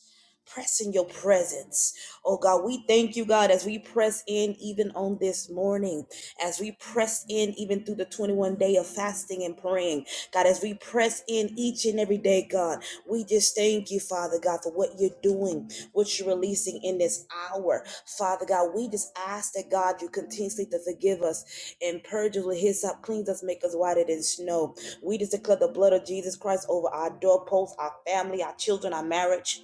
S4: Press in your presence. Oh God, we thank you, God, as we press in even on this morning as we press in even through the 21 day of fasting and praying. God, as we press in each and every day, God, we just thank you, Father God, for what you're doing, what you're releasing in this hour. Father God, we just ask that God, you continuously to forgive us and purge us with hyssop, cleanse us, make us whiter than snow. We just declare the blood of Jesus Christ over our doorposts, our family, our children, our marriage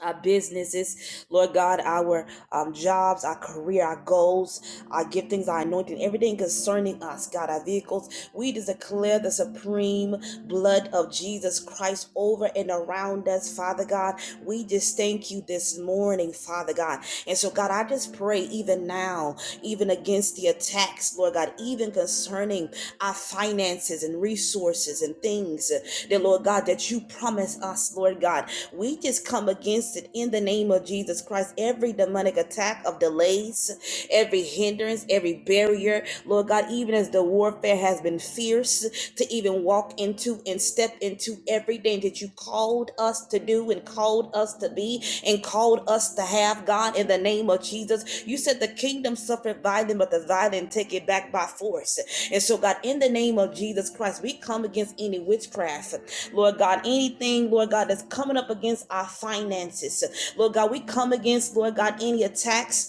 S4: our businesses, Lord God, our um, jobs, our career, our goals, our giftings, our anointing, everything concerning us, God, our vehicles. We just declare the supreme blood of Jesus Christ over and around us, Father God. We just thank you this morning, Father God. And so, God, I just pray even now, even against the attacks, Lord God, even concerning our finances and resources and things uh, that, Lord God, that you promise us, Lord God. We just come against it in the name of Jesus Christ. Every demonic attack of delays, every hindrance, every barrier, Lord God, even as the warfare has been fierce to even walk into and step into everything that you called us to do and called us to be and called us to have, God, in the name of Jesus. You said the kingdom suffered violence, but the violent take it back by force. And so, God, in the name of Jesus Christ, we come against any witchcraft, Lord God, anything, Lord God, that's coming up against our finances. Lord God, we come against, Lord God, any attacks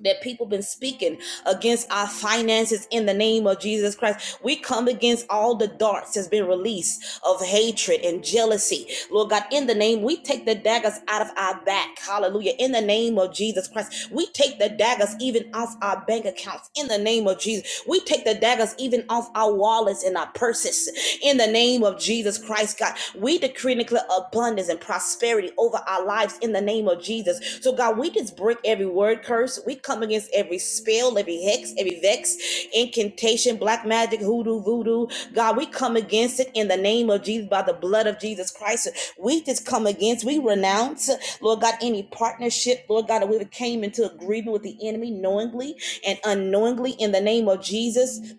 S4: that people been speaking against our finances in the name of Jesus Christ. We come against all the darts that's been released of hatred and jealousy. Lord God, in the name, we take the daggers out of our back. Hallelujah. In the name of Jesus Christ, we take the daggers even off our back bank accounts in the name of Jesus. We take the daggers even off our wallets and our purses in the name of Jesus Christ, God. We decree and declare abundance and prosperity over our lives in the name of Jesus. So, God, we just break every word curse. We come against every spell, every hex, every vex, incantation, black magic, hoodoo, voodoo. God, we come against it in the name of Jesus by the blood of Jesus Christ. We just come against, we renounce, Lord God, any partnership, Lord God, that we came into agreement with the enemy knowingly and unknowingly in the name of Jesus.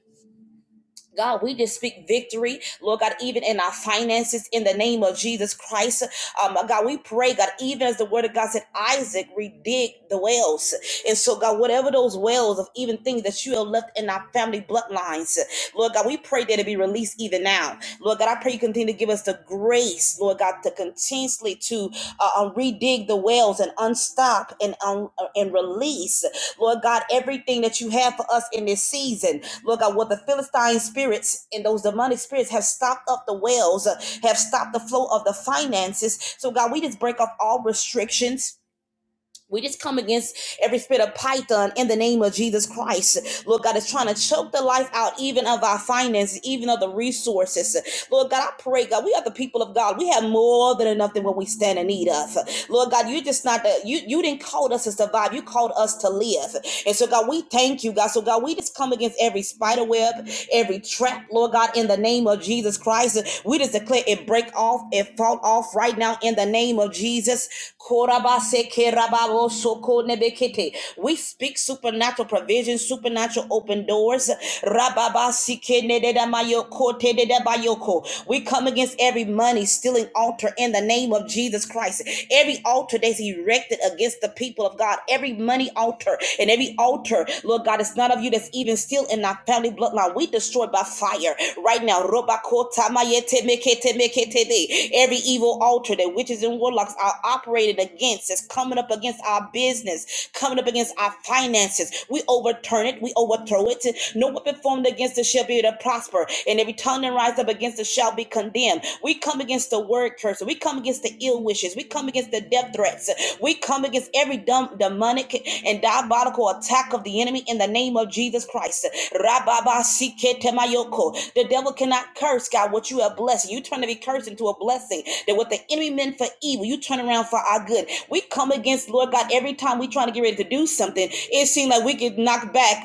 S4: God, we just speak victory, Lord God, even in our finances in the name of Jesus Christ. Um, God, we pray, God, even as the word of God said, Isaac redig the wells. And so, God, whatever those wells of even things that you have left in our family bloodlines, Lord God, we pray that it be released even now. Lord God, I pray you continue to give us the grace, Lord God, to continuously to uh, uh, redig the wells and unstop and, un- uh, and release. Lord God, everything that you have for us in this season, Lord God, what the Philistine spirits and those demonic spirits have stopped up the wells, uh, have stopped the flow of the finances. So, God, we just break off all restrictions we just come against every spirit of Python in the name of Jesus Christ. Lord God, is trying to choke the life out even of our finances, even of the resources. Lord God, I pray, God, we are the people of God. We have more than enough than what we stand in need of. Lord God, you just not the, you you didn't call us to survive. You called us to live. And so God, we thank you, God. So God, we just come against every spider web every trap, Lord God, in the name of Jesus Christ. We just declare it break off, it fall off right now in the name of Jesus. We speak supernatural provision, supernatural open doors. We come against every money stealing altar in the name of Jesus Christ. Every altar that's erected against the people people of God. Every money altar and every altar, Lord God, it's none of you that's even still in our family bloodline. We destroyed by fire right now. Every evil altar that witches and warlocks are operating against is coming up against our business, coming up against our finances. We overturn it, we overthrow it. No weapon formed against us shall be able to prosper, and every tongue that rises up against us shall be condemned him. We come against the word curse. We come against the ill wishes. We come against the death threats. We come against every dumb, demonic and diabolical attack of the enemy in the name of Jesus Christ. Rababasiketamayoko. The devil cannot curse, God, what you have blessed. You turn every curse into a blessing. That what the enemy meant for evil, you turn around for our good. We come against, Lord God, every time we trying to get ready to do something, it seems like we get knocked back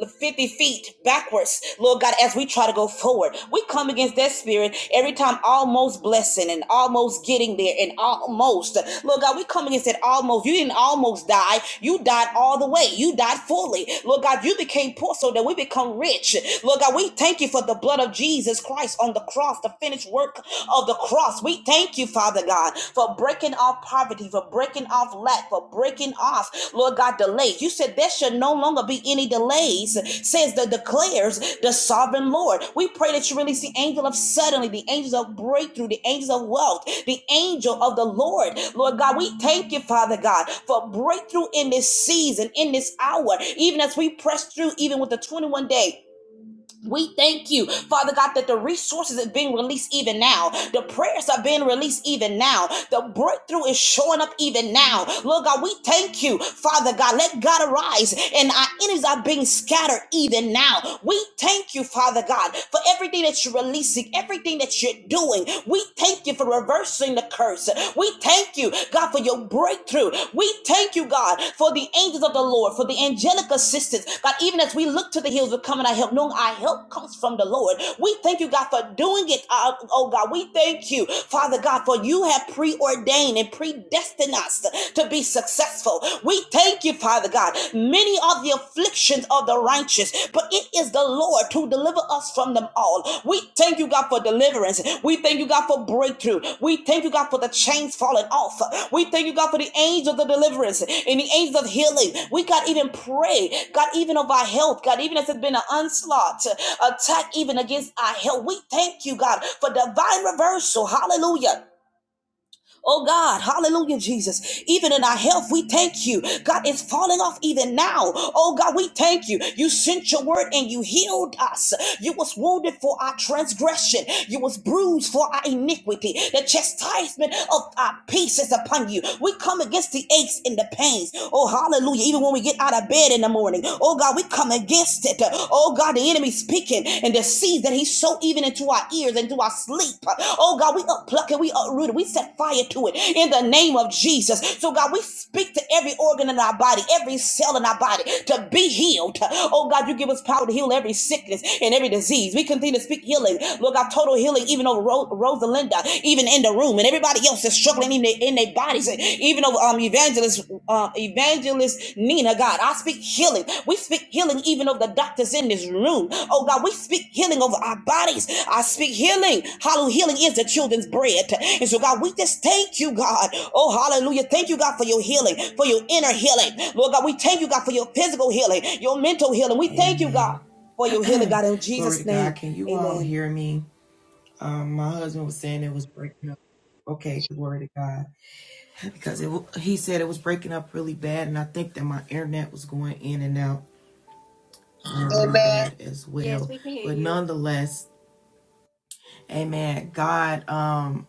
S4: 50 feet backwards, Lord God, as we try to go forward. We come against that spirit every time, almost blessing and almost getting there and almost. Lord God, we come against that almost. You didn't almost die. You died all the way. You died fully. Lord God, you became poor so that we become rich. Lord God, we thank you for the blood of Jesus Christ on the cross, the finished work of the cross. We thank you, Father God, for for breaking off poverty, for breaking off lack, for breaking off, Lord God, delays. You said there should no longer be any delays, says the declares the sovereign Lord. We pray that you release the angel of suddenly, the angels of breakthrough, the angels of wealth, the angel of the Lord. Lord God, we thank you, Father God, for breakthrough in this season, in this hour, even as we press through, even with the 21 day we thank you, Father God, that the resources are being released even now. The prayers are being released even now. The breakthrough is showing up even now. Lord God, we thank you, Father God. Let God arise and our enemies are being scattered even now. We thank you, Father God, for everything that you're releasing, everything that you're doing. We thank you for reversing the curse. We thank thank you, God, for your breakthrough. We thank you, God, for the angels of the Lord, for the angelic assistance. God, even as we look to the hills of coming our help, knowing our help comes from the Lord. We thank you, God, for doing it. uh, oh, God, we thank you, Father God, for you have preordained and predestined us to be successful. We thank you, Father God. Many are the afflictions of the righteous actions, but it is the Lord to deliver us from them all. We thank you, God, for deliverance. We thank you, God, for breakthrough. We thank you, God, for the chains falling off. We thank you, God, for the angels of the deliverance and the angels of healing. We, God, even pray, God, even of our health, God, even as it's been an onslaught, uh, attack even against our health. We thank you, God, for divine reversal. Hallelujah. Oh God, hallelujah, Jesus. Even in our health, we thank you. God, it's falling off even now. Oh God, we thank you. You sent your word and you healed us. You was wounded for our transgression. You was bruised for our iniquity. The chastisement of our peace is upon you. We come against the aches and the pains. Oh, hallelujah. Even when we get out of bed in the morning. Oh God, we come against it. Oh God, the enemy speaking and the seeds that he sowed even into our ears and to our sleep. Oh God, we uppluck it, we uproot it, we set fire to it in the name of Jesus. So God, we speak to every organ in our body, every cell in our body to be healed. Oh God, you give us power to heal every sickness and every disease. We continue to speak healing. Lord God, total healing even over Ro- Rosalinda, even in the room, and everybody else is struggling claiming in their bodies. Even though um evangelist uh, evangelist Nina, God, I speak healing. We speak healing even over the doctors in this room. Oh God, we speak healing over our bodies. I speak healing. Hallelujah. Healing is the children's bread. And so God, we just thank you, God. Oh, hallelujah. Thank you, God, for your healing, for your inner healing. Lord God, we thank you, God, for your physical healing, your mental healing. We thank you, God,
S1: Amen.
S4: for your healing, God, in
S1: Glory to
S4: Jesus'
S1: God.
S4: name.
S1: Can you all
S4: Amen.
S1: hear me? Um, my husband was saying it was breaking up. Okay, glory to God. Because it, wa- he said it was breaking up really bad, and I think that my internet was going in and out uh, really
S3: Amen.
S1: bad as
S2: Yes,
S1: well.
S2: we can hear
S1: But
S2: you.
S1: nonetheless, Amen. God. Um,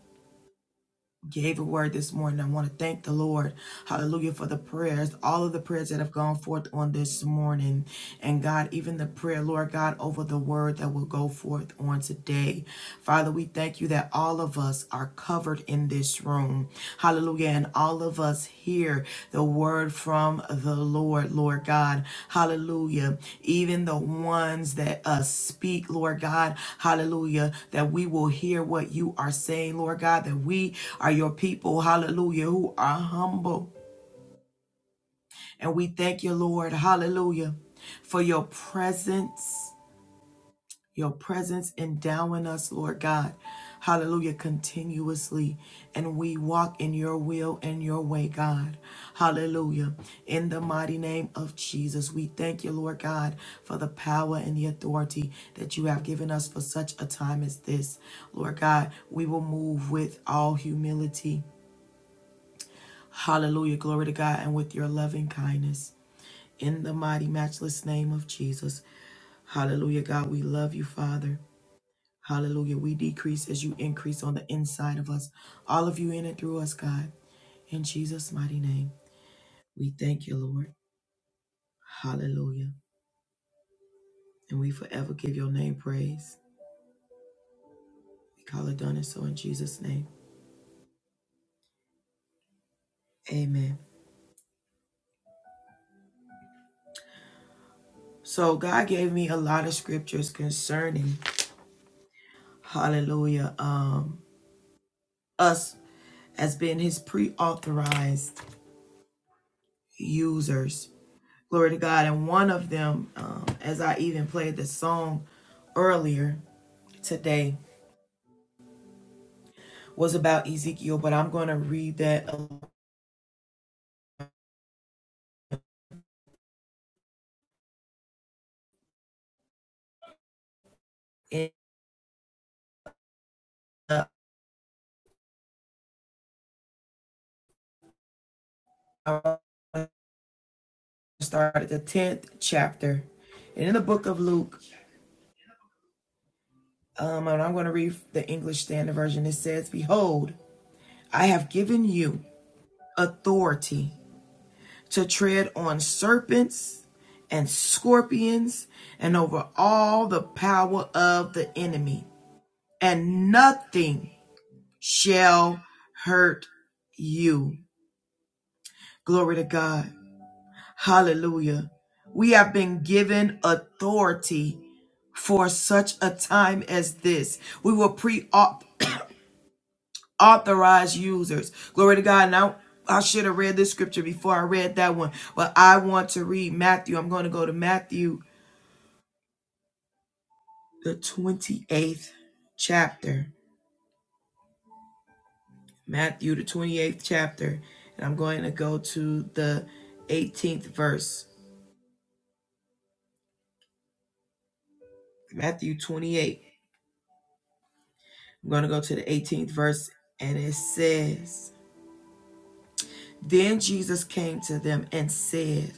S1: gave a word this morning. I want to thank the Lord, hallelujah, for the prayers, all of the prayers that have gone forth on this morning. And God, even the prayer, Lord God, over the word that will go forth on today. Father, we thank you that all of us are covered in this room. Hallelujah and all of us hear the word from the Lord, Lord God. Hallelujah. Even the ones that uh, speak, Lord God, hallelujah, that we will hear what you are saying, Lord God, that we are your people, hallelujah, who are humble. And we thank you, Lord, hallelujah, for your presence your presence endowing us, Lord God. Hallelujah, continuously. And we walk in your will and your way, God. Hallelujah. In the mighty name of Jesus, we thank you, Lord God, for the power and the authority that you have given us for such a time as this. Lord God, we will move with all humility. Hallelujah, glory to God, and with your loving kindness. In the mighty, matchless name of Jesus. Hallelujah, God, we love you, Father. Hallelujah. We decrease as you increase on the inside of us, all of you in and through us, God. In Jesus' mighty name, we thank you, Lord. Hallelujah. And we forever give your name praise. We call it done and so in Jesus' name. Amen. So God gave me a lot of scriptures concerning, hallelujah, um, us as being his pre-authorized users. Glory to God. And one of them, um, as I even played the song earlier today, was about Ezekiel, but I'm going to read that and start at the 10th chapter. And in the book of Luke, um, and I'm going to read the English Standard Version, it says, Behold, I have given you authority to tread on serpents and scorpions and over all the power of the enemy, and nothing shall hurt you. Glory to God. Hallelujah. We have been given authority for such a time as this. We were pre authorized users. Glory to God. Now, I should have read this scripture before I read that one, but I want to read Matthew. I'm going to go to Matthew, the 28th chapter. Matthew, the 28th chapter. And I'm going to go to the 18th verse. Matthew 28. I'm going to go to the 18th verse, and it says, Then Jesus came to them and said,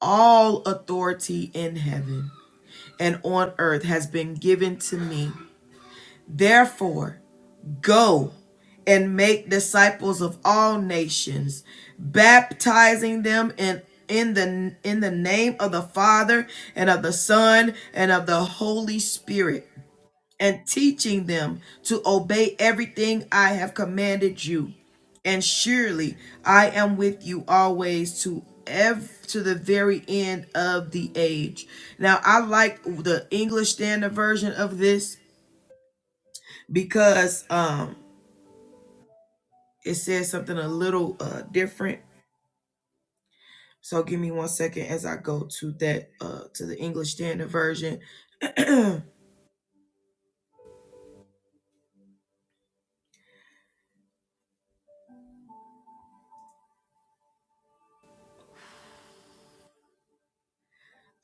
S1: All authority in heaven and on earth has been given to me. Therefore, go and make disciples of all nations, baptizing them in in the in the name of the Father and of the Son and of the Holy Spirit and teaching them to obey everything I have commanded you. And surely I am with you always to ev- to the very end of the age. Now I like the English Standard Version of this because um it says something a little uh different. So give me one second as I go to that uh to the English Standard Version.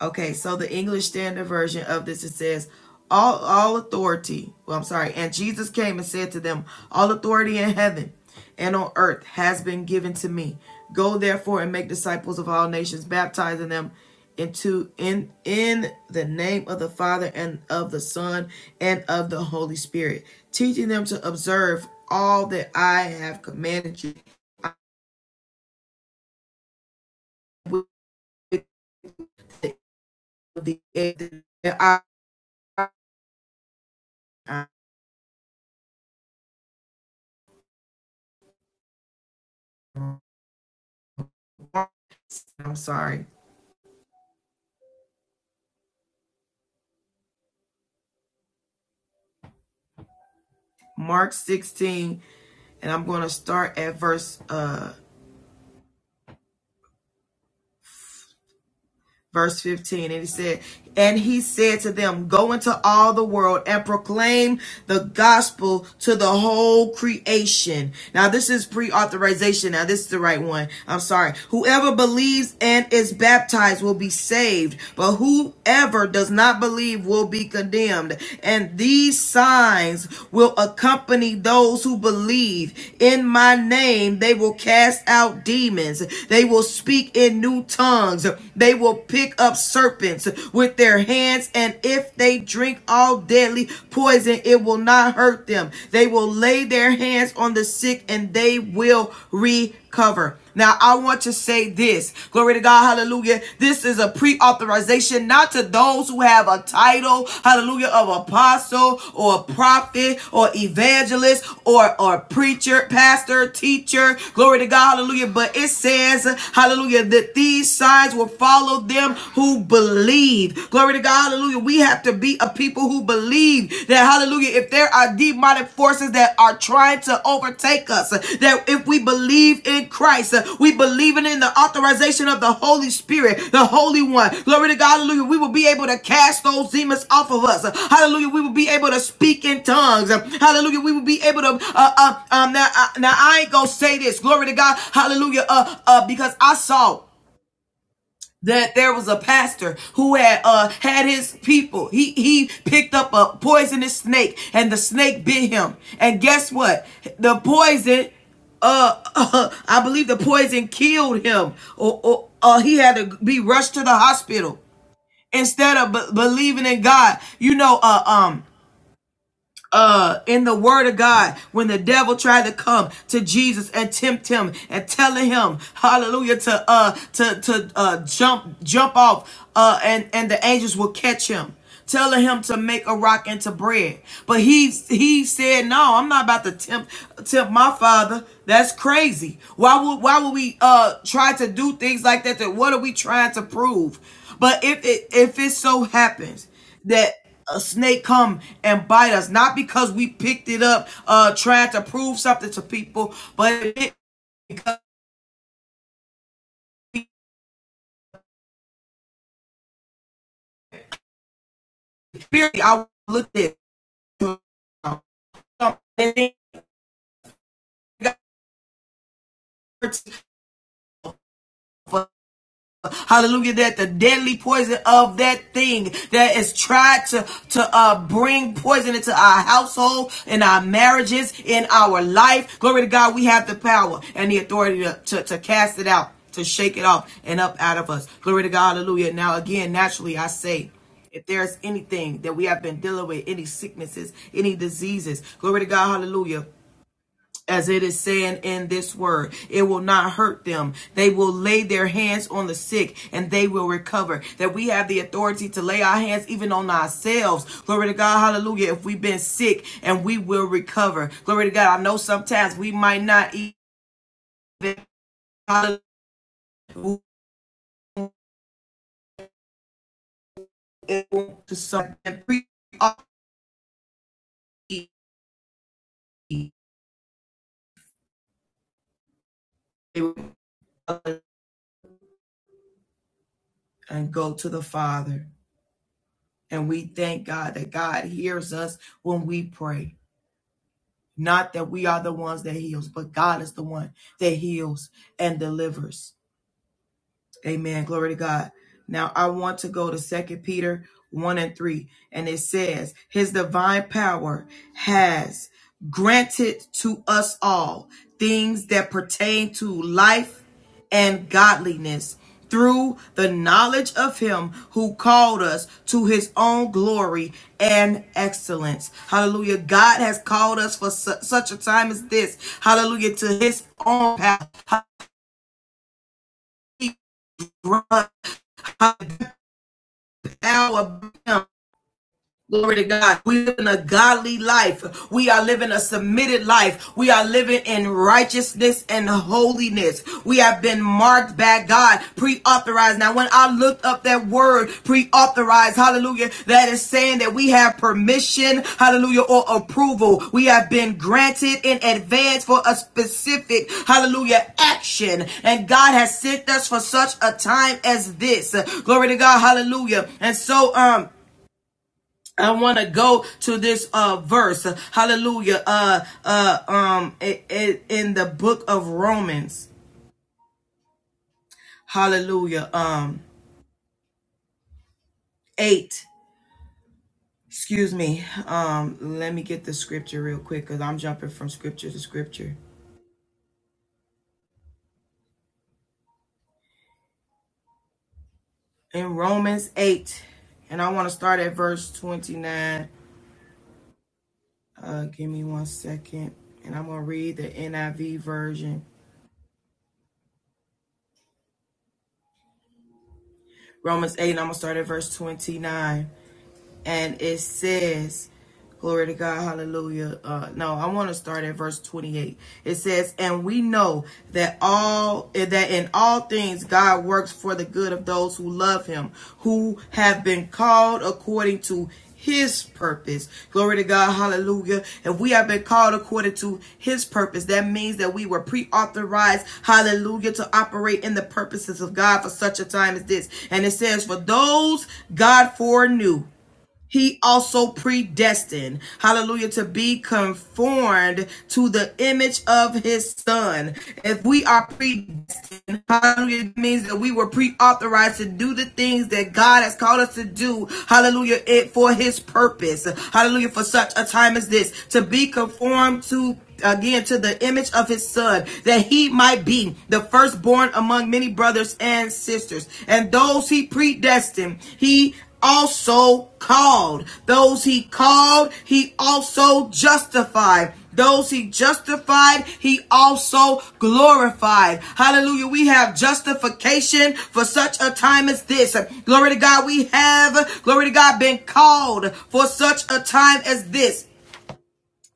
S1: Okay, so the English Standard Version of this it says, "All all authority." Well, I'm sorry. And Jesus came and said to them, "All authority in heaven and on earth has been given to me. Go therefore and make disciples of all nations, baptizing them into in in the name of the Father and of the Son and of the Holy Spirit, teaching them to observe all that I have commanded you." With the I'm sorry Mark 16, and I'm going to start at verse uh, verse 15 and he said and he said to them go into all the world and proclaim the gospel to the whole creation now this is pre-authorization now this is the right one i'm sorry whoever believes and is baptized will be saved but whoever does not believe will be condemned and these signs will accompany those who believe in my name they will cast out demons they will speak in new tongues they will pick up serpents with their hands, and if they drink all deadly poison, it will not hurt them. They will lay their hands on the sick, and they will recover. Now, I want to say this. Glory to God. Hallelujah. This is a pre authorization, not to those who have a title, hallelujah, of apostle or prophet or evangelist or, or preacher, pastor, teacher. Glory to God. Hallelujah. But it says, hallelujah, that these signs will follow them who believe. Glory to God. Hallelujah. We have to be a people who believe that, hallelujah, if there are demonic forces that are trying to overtake us, that if we believe in Christ, uh, we believe in in the authorization of the Holy Spirit, the Holy One. Glory to God. Hallelujah. We will be able to cast those demons off of us. Hallelujah. We will be able to speak in tongues. Hallelujah. We will be able to, uh, uh, um, now, uh, now I ain't gonna say this. Glory to God. Hallelujah. Uh, uh, because I saw that there was a pastor who had uh had his people he he picked up a poisonous snake and the snake bit him and guess what the poison uh, uh i believe the poison killed him or, or uh, he had to be rushed to the hospital instead of b- believing in god you know uh um uh in the word of God when the devil tried to come to Jesus and tempt him and telling him hallelujah to uh to to uh jump jump off uh and and the angels will catch him telling him to make a rock into bread. But he he said, "No, I'm not about to tempt tempt my father. That's crazy. Why would why would we uh try to do things like that? That what are we trying to prove? But if it if it so happens." that a snake come and bite us not because we picked it up uh trying to prove something to people but because i look at it for hallelujah that the deadly poison of that thing that is tried to to uh bring poison into our household in our marriages in our life glory to god we have the power and the authority to, to, to cast it out to shake it off and up out of us glory to god hallelujah now again naturally i say if there's anything that we have been dealing with any sicknesses any diseases glory to god hallelujah as it is saying in this word. It will not hurt them. They will lay their hands on the sick and they will recover. That we have the authority to lay our hands even on ourselves. Glory to God. Hallelujah. If we've been sick and we will recover. Glory to God. I know sometimes we might not even to something and go to the Father. And we thank God that God hears us when we pray. Not that we are the ones that heals, but God is the one that heals and delivers. Amen. Glory to God. Now I want to go to Second Peter 1 and 3. And it says, His divine power has granted to us all things that pertain to life and godliness through the knowledge of him who called us to his own glory and excellence. Hallelujah. God has called us for su- such a time as this. Hallelujah. To his own path. Hallelujah Alabama Glory to God. We live in a godly life. We are living a submitted life. We are living in righteousness and holiness. We have been marked by God, pre-authorized. Now, when I looked up that word, pre-authorized, hallelujah, that is saying that we have permission, hallelujah, or approval. We have been granted in advance for a specific, hallelujah, action. And God has sent us for such a time as this. Glory to God. Hallelujah. And so, um, I want to go to this uh verse. Hallelujah. Uh uh um it, it, in the book of Romans. Hallelujah. Um 8. Excuse me. Um let me get the scripture real quick cuz I'm jumping from scripture to scripture. In Romans 8 and I want to start at verse 29. Uh give me one second and I'm going to read the NIV version. Romans 8 and I'm going to start at verse 29. and it says, Glory to God, hallelujah. Uh, no, I want to start at verse 28. It says, And we know that all that in all things God works for the good of those who love him, who have been called according to his purpose. Glory to God, hallelujah. If we have been called according to his purpose, that means that we were pre-authorized, hallelujah, to operate in the purposes of God for such a time as this. And it says, For those God foreknew he also predestined, hallelujah, to be conformed to the image of his son. If we are predestined, hallelujah, it means that we were pre-authorized to do the things that God has called us to do, hallelujah, it for his purpose, hallelujah, for such a time as this, to be conformed to again to the image of his son that he might be the firstborn among many brothers and sisters and those he predestined he also called. Those he called, he also justified. Those he justified, he also glorified. Hallelujah. We have justification for such a time as this. Glory to God. We have, glory to God, been called for such a time as this.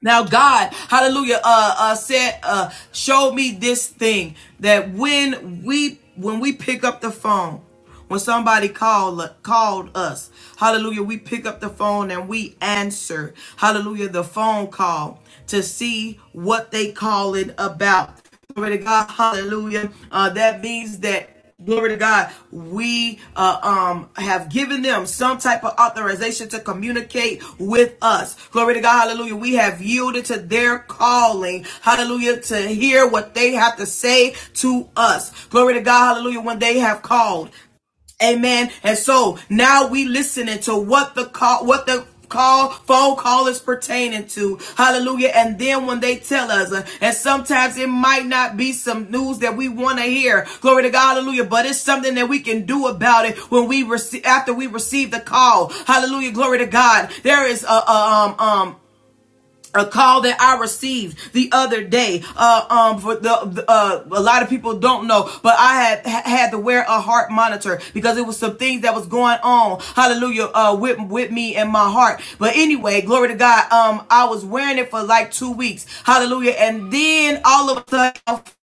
S1: Now God, hallelujah, uh, uh, said, uh, showed me this thing that when we, when we pick up the phone, when somebody called, called us, hallelujah, we pick up the phone and we answer, hallelujah, the phone call to see what they calling about. Glory to God, hallelujah. Uh, that means that glory to God, we uh, um, have given them some type of authorization to communicate with us. Glory to God, hallelujah. We have yielded to their calling, hallelujah, to hear what they have to say to us. Glory to God, hallelujah, when they have called. Amen. And so now we listening to what the call, what the call phone call is pertaining to hallelujah and then when they tell us uh, and sometimes it might not be some news that we want to hear glory to god hallelujah but it's something that we can do about it when we receive after we receive the call hallelujah glory to god there is a, a, um um a call that I received the other day. Uh, um, for the uh, a lot of people don't know, but I had had to wear a heart monitor because it was some things that was going on. Hallelujah, uh, with with me and my heart. But anyway, glory to God. Um, I was wearing it for like two weeks. Hallelujah, and then all of a sudden.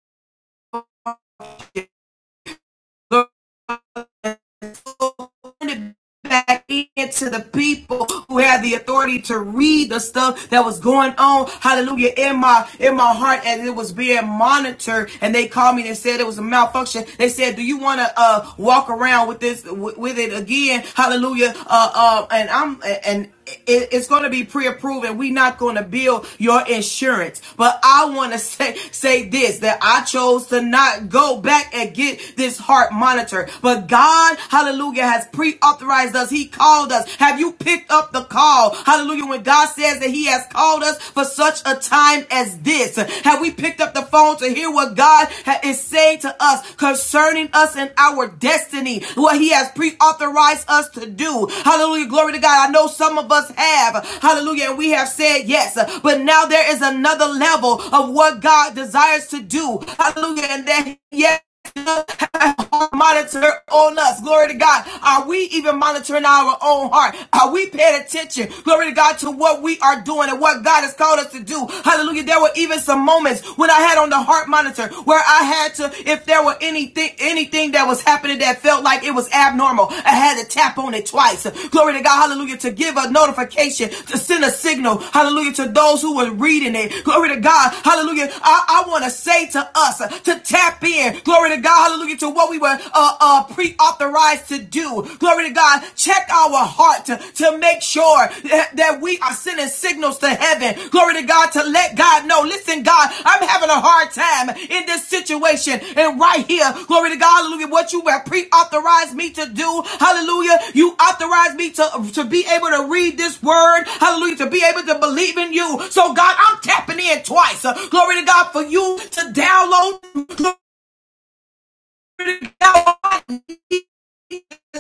S1: back into the people who had the authority to read the stuff that was going on hallelujah in my in my heart and it was being monitored and they called me and said it was a malfunction they said do you want to uh walk around with this with, with it again hallelujah uh, uh and i'm and it- it's going to be pre-approved and we're not going to bill your insurance but i want to say say this that i chose to not go back and get this heart monitor but god hallelujah has pre-authorized us he called us have you picked up the call hallelujah when god says that he has called us for such a time as this this? Have we picked up the phone to hear what God is saying to us concerning us and our destiny? What He has pre authorized us to do. Hallelujah. Glory to God. I know some of us have. Hallelujah. And we have said yes. But now there is another level of what God desires to do. Hallelujah. And then yes monitor on us. Glory to God. Are we even monitoring our own heart? Are we paying attention? Glory to God to what we are doing and what God has called us to do. Hallelujah. There were even some moments when I had on the heart monitor where I had to, if there were anything, anything that was happening that felt like it was abnormal, I had to tap on it twice. Glory to God. Hallelujah. To give a notification, to send a signal. Hallelujah. To those who were reading it. Glory to God. Hallelujah. I, I want to say to us uh, to tap in. Glory Glory to God. Hallelujah to what we were uh, uh, pre-authorized to do. Glory to God. Check our heart to, to make sure that, that we are sending signals to heaven. Glory to God to let God know. Listen, God, I'm having a hard time in this situation and right here. Glory to God. Hallelujah. What you have pre-authorized me to do. Hallelujah. You authorized me to, to be able to read this word. Hallelujah. To be able to believe in you. So God, I'm tapping in twice. Uh, Glory to God for you to download to God.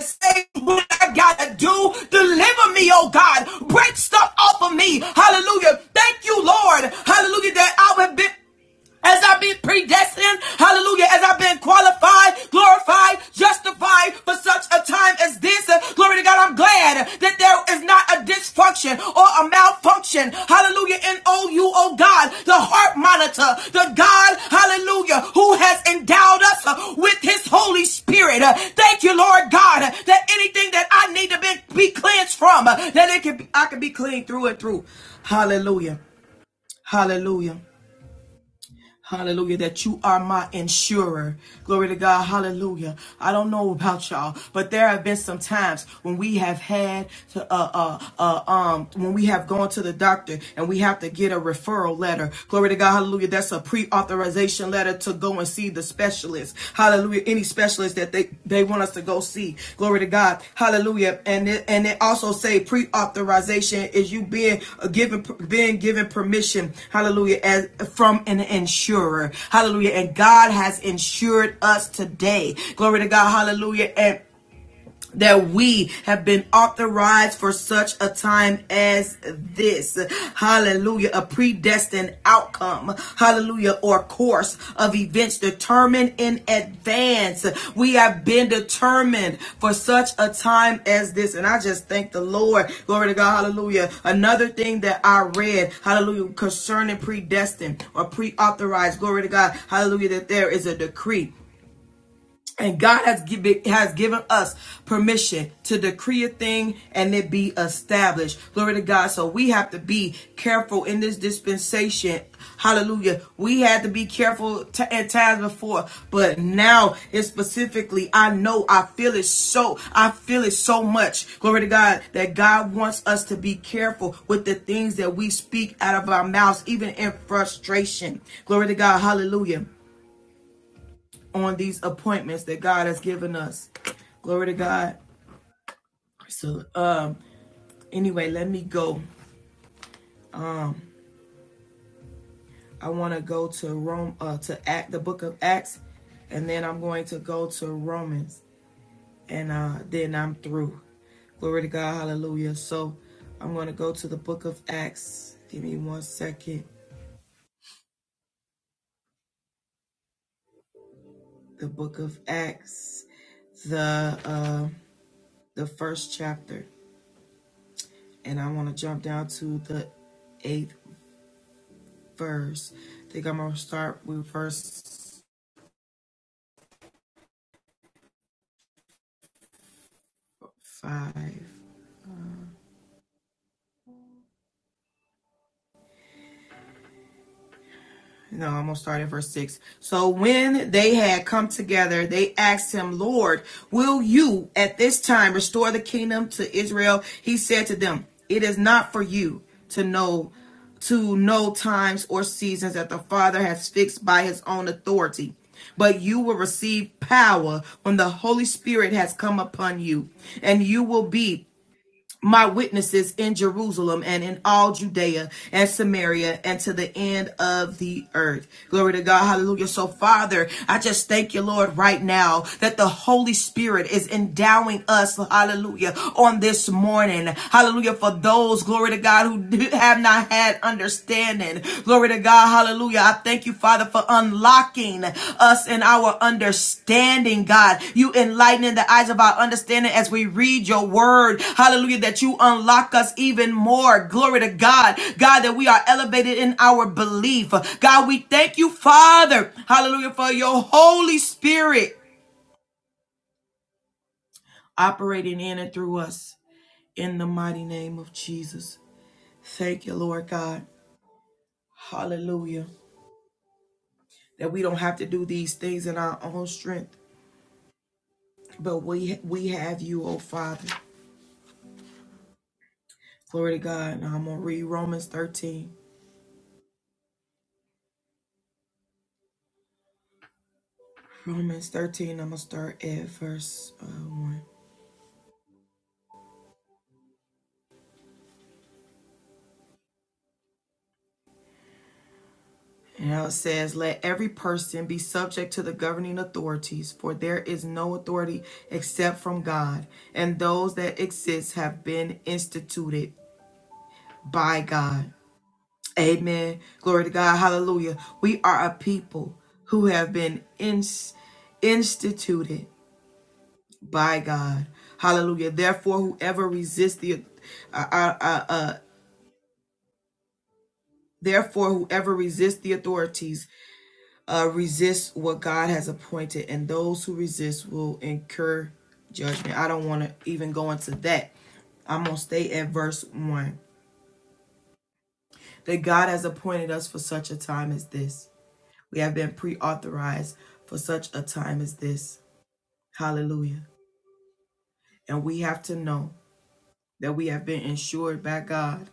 S1: say what I gotta do. Deliver me, oh God. Break stuff off of me. Hallelujah. Thank you, Lord. Hallelujah. That I would be. As I've been predestined, hallelujah, as I've been qualified, glorified, justified for such a time as this, uh, glory to God, I'm glad that there is not a dysfunction or a malfunction, hallelujah, in oh, you, oh God, the heart monitor, the God, hallelujah, who has endowed us uh, with his Holy Spirit. Uh, Thank you, Lord God, uh, that anything that I need to be, be cleansed from, uh, that it can be, I can be clean through and through. Hallelujah. Hallelujah. Hallelujah, that you are my insurer. Glory to God. Hallelujah. I don't know about y'all, but there have been some times when we have had to, uh, uh, uh, um, when we have gone to the doctor and we have to get a referral letter. Glory to God. Hallelujah. That's a pre authorization letter to go and see the specialist. Hallelujah. Any specialist that they, they want us to go see. Glory to God. Hallelujah. And it, and it also say pre-authorization is you being uh, given being given permission. Hallelujah. As from an insurer. Hallelujah. And God has insured us today. Glory to God. Hallelujah. And that we have been authorized for such a time as this. Hallelujah. A predestined outcome. Hallelujah. Or course of events determined in advance. We have been determined for such a time as this. And I just thank the Lord. Glory to God. Hallelujah. Another thing that I read. Hallelujah. Concerning predestined or pre-authorized. Glory to God. Hallelujah. That there is a decree and God has given has given us permission to decree a thing and it be established. Glory to God. So we have to be careful in this dispensation. Hallelujah. We had to be careful t- at times before, but now it's specifically, I know I feel it so, I feel it so much. Glory to God that God wants us to be careful with the things that we speak out of our mouths, even in frustration. Glory to God. Hallelujah on these appointments that God has given us. Glory to God. So um anyway, let me go. I want to go to Rome uh to Act the book of Acts and then I'm going to go to Romans and uh then I'm through. Glory to God. Hallelujah. So I'm going to go to the book of Acts. Give me one second. The book of Acts, the uh the first chapter and I want to jump down to the eighth verse. I think I'm gonna start with verse five. No, I'm gonna start at verse six. So when they had come together, they asked him, Lord, will you at this time restore the kingdom to Israel? He said to them, It is not for you to know to know times or seasons that the Father has fixed by his own authority. But you will receive power when the Holy Spirit has come upon you, and you will be my witnesses in Jerusalem and in all Judea and Samaria and to the end of the earth. Glory to God. Hallelujah. So, Father, I just thank you, Lord, right now that the Holy Spirit is endowing us, hallelujah, on this morning. Hallelujah. For those, glory to God, who have not had understanding. Glory to God, hallelujah. I thank you, Father, for unlocking us in our understanding, God. You enlightening the eyes of our understanding as we read your word, hallelujah, that you unlock us even more. Glory to God, God, that we are elevated in our belief. God, we thank you, Father, hallelujah, for your Holy Spirit operating in and through us in the mighty name of Jesus. Thank you, Lord God. Hallelujah. That we don't have to do these things in our own strength, But we we have you, oh Father. Glory to God. Now I'm gonna read Romans 13. Romans 13, I'm gonna start at verse uh, 1. And now it says, Let every person be subject to the governing authorities, for there is no authority except from God, and those that exist have been instituted by God. Amen. Glory to God. Hallelujah. We are a people who have been ins- instituted by God. Hallelujah. Therefore, whoever resists the uh, uh, uh, uh, therefore whoever resists the authorities uh, resists what God has appointed, and those who resist will incur judgment. I don't want to even go into that. I'm gonna stay at verse one. That God has appointed us for such a time as this. We have been pre-authorized for such a time as this. Hallelujah. And we have to know that we have been insured by God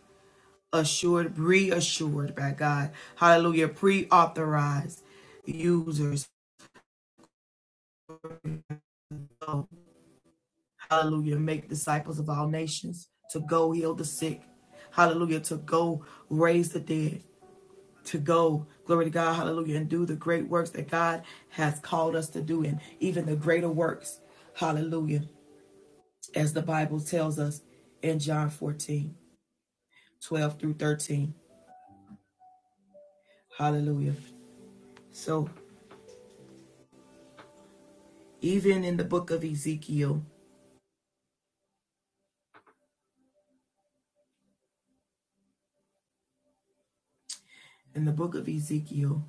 S1: assured, reassured by God. Hallelujah. Pre authorized users. So, hallelujah. Make disciples of all nations to go heal the sick. Hallelujah. To go raise the dead. To go, glory to God, hallelujah, and do the great works that God has called us to do, and even the greater works, hallelujah, as the Bible tells us in John 14:12 through 13. Hallelujah. So, even in the book of Ezekiel, in the book of Ezekiel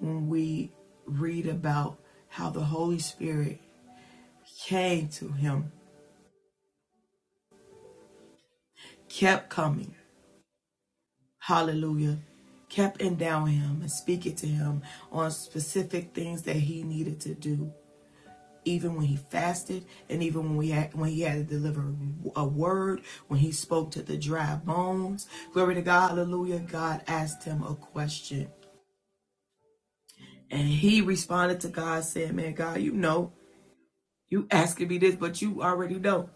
S1: when we read about how the Holy Spirit came to him, kept coming, hallelujah, kept endowing him and speaking to him on specific things that he needed to do. Even when he fasted, and even when we had, when he had to deliver a word, when he spoke to the dry bones, glory to God, hallelujah. God asked him a question, and he responded to God, saying, "Man, God, you know." You asking me this, but you already know.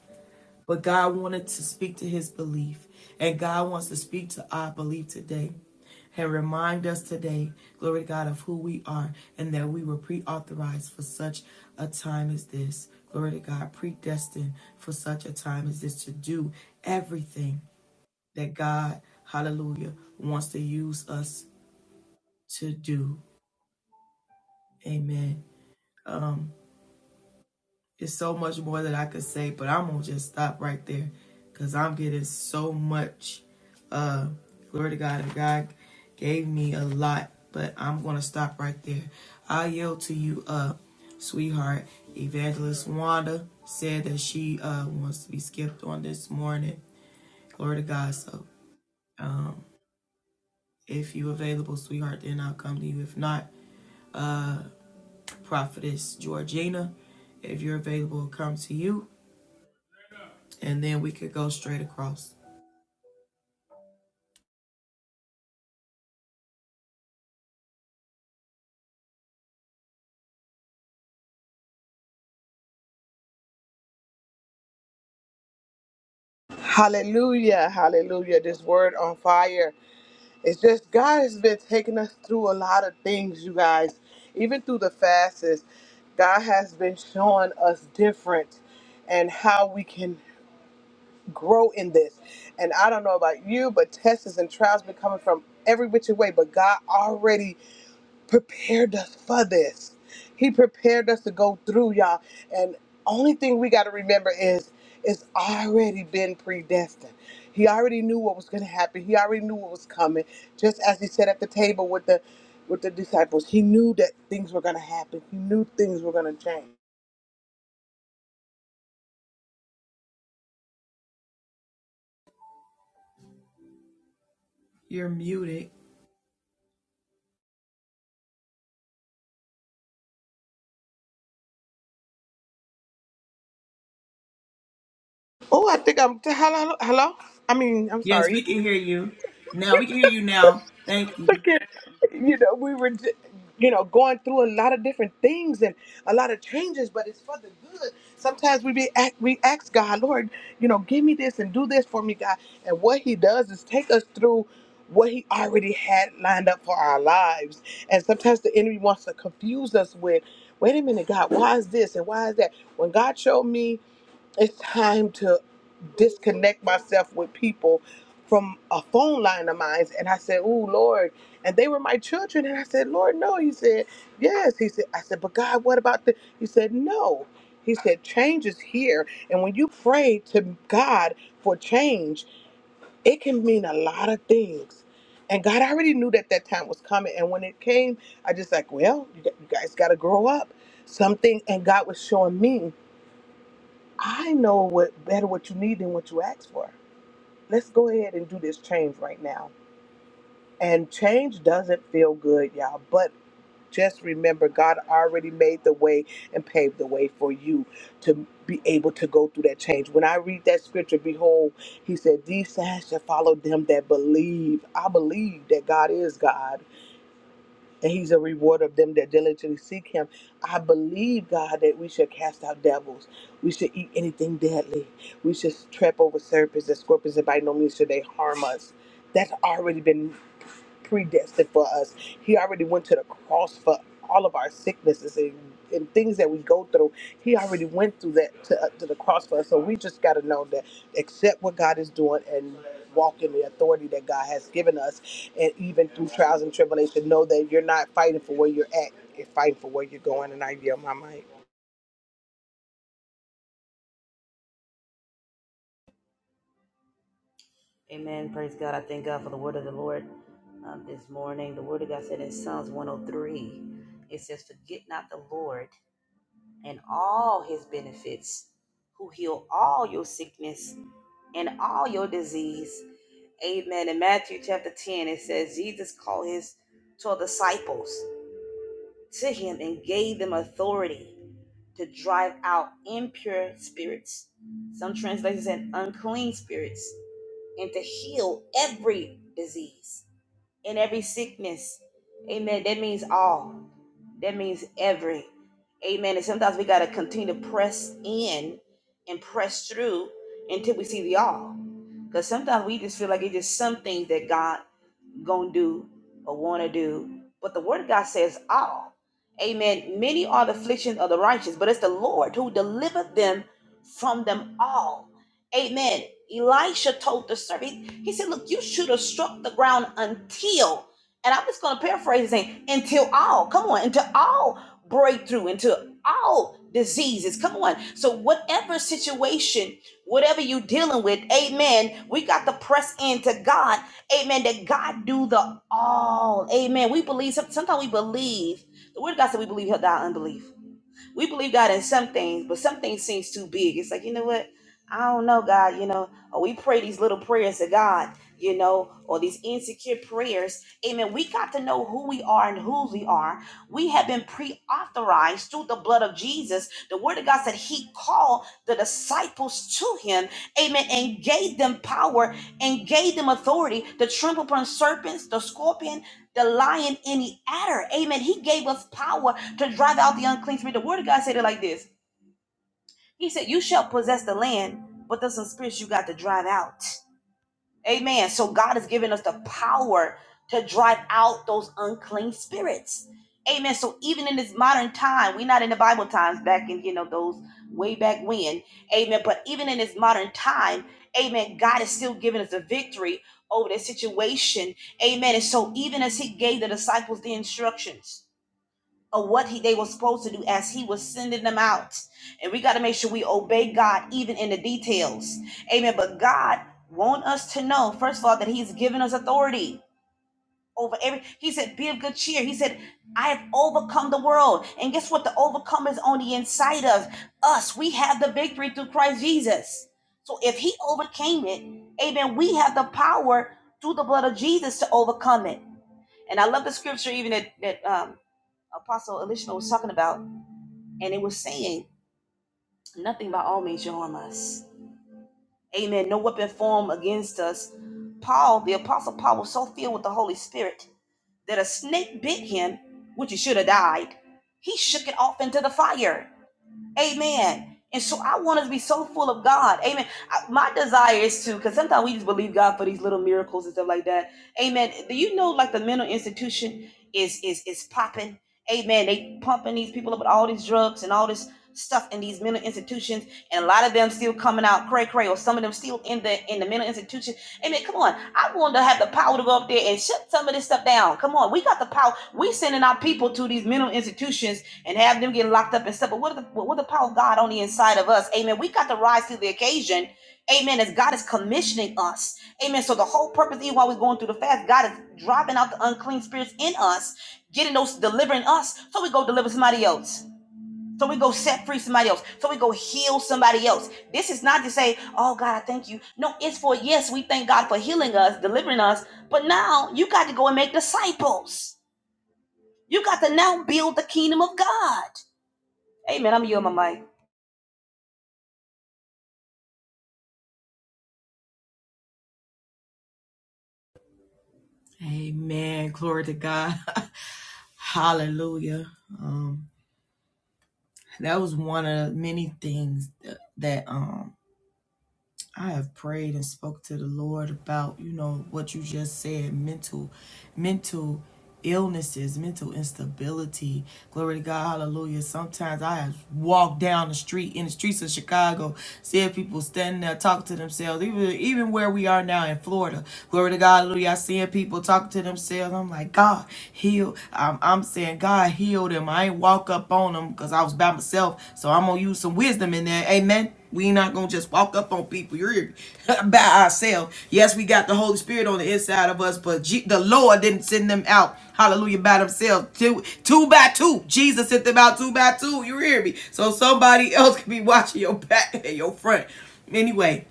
S1: But God wanted to speak to his belief. And God wants to speak to our belief today and remind us today, glory to God, of who we are and that we were pre authorized for such a time as this. Glory to God, predestined for such a time as this to do everything that God, hallelujah, wants to use us to do. Amen. Um. It's so much more that I could say, but I'm gonna just stop right there because I'm getting so much. Uh, glory to God, and God gave me a lot, but I'm gonna stop right there. I yield to you, uh, sweetheart. Evangelist Wanda said that she uh wants to be skipped on this morning. Glory to God. So, um, if you available, sweetheart, then I'll come to you. If not, uh, prophetess Georgina, if you're available, I'll come to you and then we could go straight across.
S3: Hallelujah. Hallelujah. This word on fire. It's just God has been taking us through a lot of things, you guys, even through the fasts. God has been showing us different and how we can. grow in this. And I don't know about you, but tests and trials been coming from every which way. But God already prepared us for this. He prepared us to go through, y'all. And only thing we got to remember is it's already been predestined. He already knew what was going to happen. He already knew what was coming. Just as he said at the table with the with the disciples, he knew that things were going to happen. He knew things were going to change.
S1: You're muted.
S3: Oh, I think I'm hello, hello. I mean, I'm
S1: Yes, we
S3: sorry.
S1: can hear you. Now we can hear you now. Thank you.
S3: fucking, you know, we were, j- you know, going through a lot of different things and a lot of changes, but it's for the good. Sometimes we be act, we ask God, Lord, you know, give me this and do this for me, God. And what He does is take us through what He already had lined up for our lives. And sometimes the enemy wants to confuse us with, wait a minute, God, why is this and why is that? When God showed me. It's time to disconnect myself with people from a phone line of mine. And I said, Oh, Lord. And they were my children. And I said, Lord, no. He said, Yes. He said, I said, But God, what about the? He said, No. He said, Change is here. And when you pray to God for change, it can mean a lot of things. And God already knew that that time was coming. And when it came, I just like, well, you gu- you guys got to grow up. Something, and God was showing me. I know what better what you need than what you asked for. Let's go ahead and do this change right now. And change doesn't feel good, y'all. But just remember, God already made the way and paved the way for you to be able to go through that change. When I read that scripture, behold, he said, These signs shall follow them that believe. I believe that God is God and he's a rewarder of them that diligently seek him. I believe, God, that we should cast out devils. We should eat anything deadly. We should trap over serpents and scorpions, and by no means should they harm us. That's already been predestined for us. He already went to the cross for all of our sicknesses and, and things that we go through. He already went through that to, uh, to the cross for us. So we just got to know that accept what God is doing and walk in the authority that God has given us and even through trials and tribulation, know that you're not fighting for where you're at, you're fighting for where you're going. And I yield my mic.
S4: Amen. Praise God. I thank God for the word of the Lord um, this morning. The word of God said in Psalms 103, it says, Forget not the Lord and all his benefits, who heal all your sickness and all your disease. Amen. In Matthew chapter 10, it says, Jesus called his 12 disciples to him and gave them authority to drive out impure spirits. Some translations said unclean spirits and to heal every disease in every sickness. Amen. That means all. That means every. Amen. And sometimes we got to continue to press in and press through until we see the all. Because sometimes we just feel like it's just some things that God gonna do or wanna do. But the word of God says all. Amen. Many are the afflictions of the righteous, but it's the Lord who delivered them from them all. Amen. Elisha told the servant, he said, Look, you should have struck the ground until, and I'm just gonna paraphrase the saying, until all, come on, until all breakthrough, until all diseases. Come on. So whatever situation, whatever you dealing with, amen. We got to press into God Amen. That God do the all. Amen. We believe sometimes we believe. The word of God said we believe he'll die unbelief we believe God in some things, but some things seems too big. It's like, you know what? I don't know, God, you know, or we pray these little prayers to God, you know, or these insecure prayers. Amen. We got to know who we are and whose we are. We have been pre-authorized through the blood of Jesus. The word of God said he called the disciples to him, amen, and gave them power and gave them authority to trample upon serpents, the scorpion, the lion, and the adder. Amen. He gave us power to drive out the unclean spirit. The word of God said it like this. He said, You shall possess the land, but there's some spirits you got to drive out. Amen. So God has given us the power to drive out those unclean spirits. Amen. So even in this modern time, we're not in the Bible times back in, you know, those way back when. Amen. But even in this modern time, amen, God is still giving us a victory over that situation. Amen. And so even as he gave the disciples the instructions, of what he, they were supposed to do as he was sending them out. And we got to make sure we obey God even in the details. Amen. But God wants us to know, first of all, that he's given us authority over every, he said, be of good cheer. He said, I have overcome the world. And guess what? The overcome is on the inside of us. We have the victory through Christ Jesus. So if he overcame it, amen, we have the power through the blood of Jesus to overcome it. And I love the scripture even that, that um, Apostle Elishma was talking about and it was saying nothing by all means shall harm us. Amen. No weapon formed against us. Paul, the apostle Paul, was so filled with the Holy Spirit that a snake bit him, which he should have died. He shook it off into the fire. Amen. And so I want us to be so full of God. Amen. I- my desire is to, because sometimes we just believe God for these little miracles and stuff like that. Amen. Do you know like the mental institution is is is popping? Amen. They pumping these people up with all these drugs and all this stuff in these mental institutions, and a lot of them still coming out cray cray, or some of them still in the in the mental institution. Amen. Come on. I want to have the power to go up there and shut some of this stuff down. Come on. We got the power. We sending our people to these mental institutions and have them get locked up and stuff. But what the what the power of God on the inside of us, Amen. We got to rise to the occasion, Amen. As God is commissioning us, Amen. So the whole purpose, even while we're going through the fast, God is dropping out the unclean spirits in us, getting those delivering us, so we go deliver somebody else. So we go set free somebody else. So we go heal somebody else. This is not to say, oh God, I thank you. No, it's for yes, we thank God for healing us, delivering us. But now you got to go and make disciples. You got to now build the kingdom of God. Amen. I'm you, and my mic.
S1: Amen. Glory to God. Hallelujah. Um, that was one of many things that, that um I have prayed and spoke to the Lord about, you know, what you just said, mental, mental illnesses, mental instability. Glory to God, hallelujah. Sometimes I have walked down the street in the streets of Chicago, seeing people standing there talking to themselves, even even where we are now in Florida. Glory to God, hallelujah. I seeing people talking to themselves. I'm like, God, heal. I'm, I'm saying, God, heal them. I ain't walk up on them because I was by myself. So I'm gonna use some wisdom in there. Amen. We ain't not gonna just walk up on people You're by ourselves. Yes, we got the Holy Spirit on the inside of us, but G- the Lord didn't send them out. Hallelujah, by themselves, two two by two. Jesus sent them out two by two. You hear me? So somebody else could be watching your back and your front. Anyway,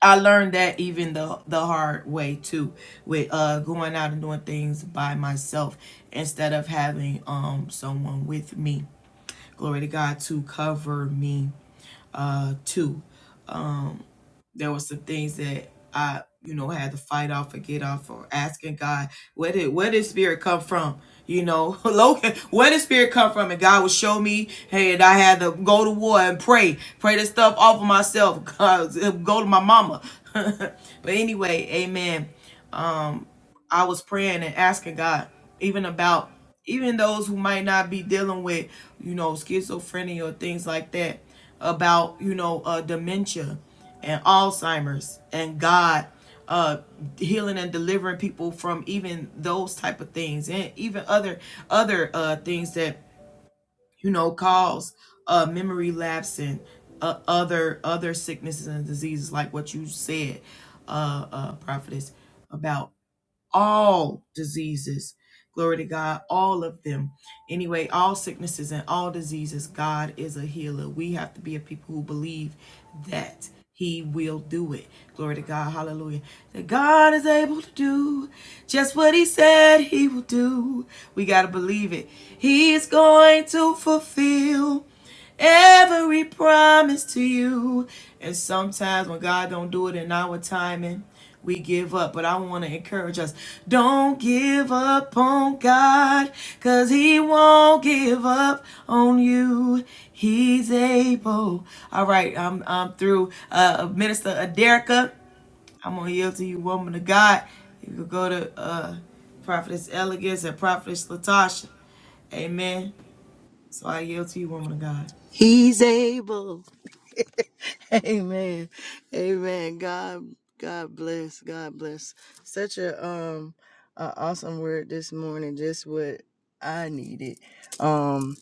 S1: I learned that even the the hard way too, with uh going out and doing things by myself instead of having um someone with me. Glory to God to cover me uh too there were some things that I, you know, had to fight off or get off or asking God, where did where did spirit come from? You know, Logan, where did spirit come from? And God would show me, hey, and I had to go to war and pray, pray this stuff off of myself, go to my mama. but anyway, amen. I was praying and asking God, even about even those who might not be dealing with, you know, schizophrenia or things like that, about, you know, uh, dementia and Alzheimer's and God uh healing and delivering people from even those type of things and even other other uh things that you know cause uh memory lapse and uh, other other sicknesses and diseases like what you said uh uh prophetess about all diseases. Glory to God, all of them. Anyway, all sicknesses and all diseases, God is a healer. We have to be a people who believe that He will do it. Glory to God, hallelujah. That God is able to do just what He said He will do. We got to believe it. He is going to fulfill every promise to you. And sometimes when God don't do it in our timing, we give up. But I want to encourage us, don't give up on God, cause he won't give up on you. He's able. All right, I'm I'm through. Uh Minister Aderica, I'm gonna yield to you, woman of God. You can go to uh Prophetess Elegance and Prophetess Latasha. Amen. So I yield to you, woman of God.
S5: He's able. Amen. Amen. God God bless. God bless. Such a um a awesome word this morning. Just what I needed um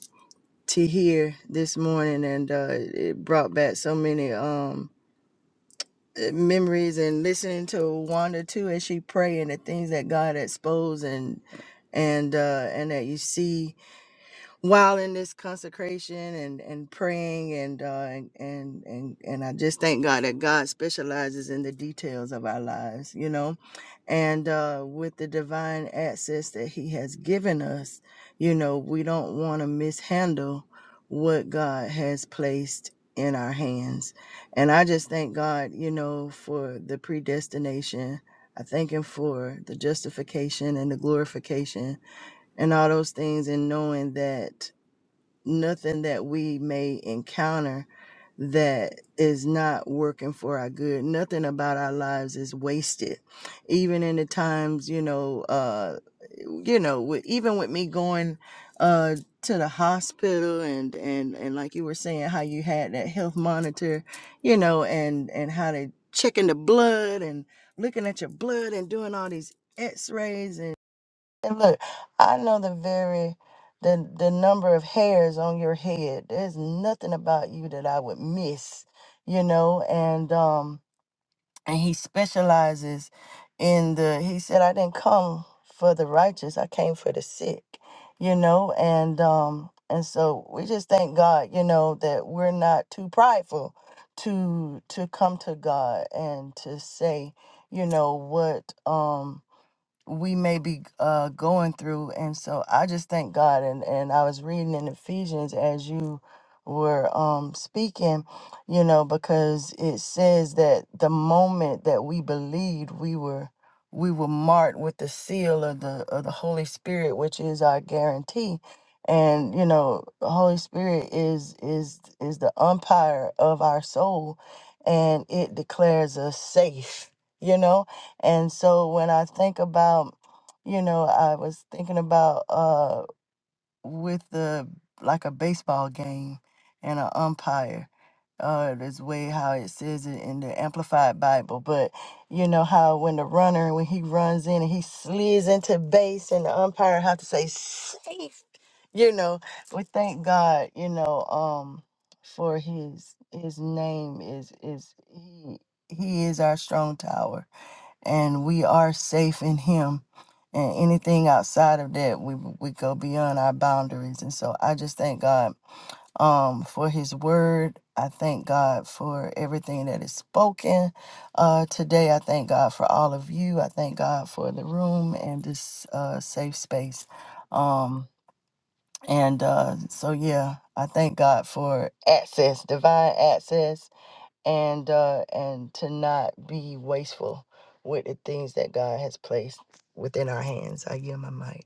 S5: to hear this morning and uh it brought back so many um memories and listening to Wanda too as she pray and the things that God exposed and and uh and that you see while in this consecration and and praying and uh and and and, and I just thank God that God specializes in the details of our lives, you know. And uh with the divine access that he has given us, you know, we don't want to mishandle what God has placed in our hands. And I just thank God, you know, for the predestination. I thank him for the justification and the glorification and all those things and knowing that nothing that we may encounter that is not working for our good. Nothing about our lives is wasted. Even in the times, you know, uh, you know, with, even with me going uh, to the hospital and, and, and like you were saying, how you had that health monitor, you know, and, and how they checking the blood and looking at your blood and doing all these x-rays and look, I know the very the the number of hairs on your head. There's nothing about you that I would miss, you know, and um and he specializes in the he said I didn't come for the righteous, I came for the sick, you know, and um and so we just thank God, you know, that we're not too prideful to to come to God and to say, you know, what um we may be uh, going through. And so I just thank God. And, and I was reading in Ephesians as you were um, speaking, you know, because it says that the moment that we believed, we were we were marked with the seal of the of the Holy Spirit, which is our guarantee. And you know, the Holy Spirit is is is the umpire of our soul, and it declares us safe. You know, and so when I think about, you know, I was thinking about uh with the like a baseball game and an umpire. Uh, this way how it says it in the Amplified Bible, but you know how when the runner when he runs in and he slides into base and the umpire have to say safe. You know, we thank God. You know, um, for his his name is is he he is our strong tower and we are safe in him and anything outside of that we we go beyond our boundaries and so i just thank god um for his word i thank god for everything that is spoken uh today i thank god for all of you i thank god for the room and this uh safe space um and uh so yeah i thank god for access divine access and uh and to not be wasteful with the things that God has placed within our hands. I yield my mic.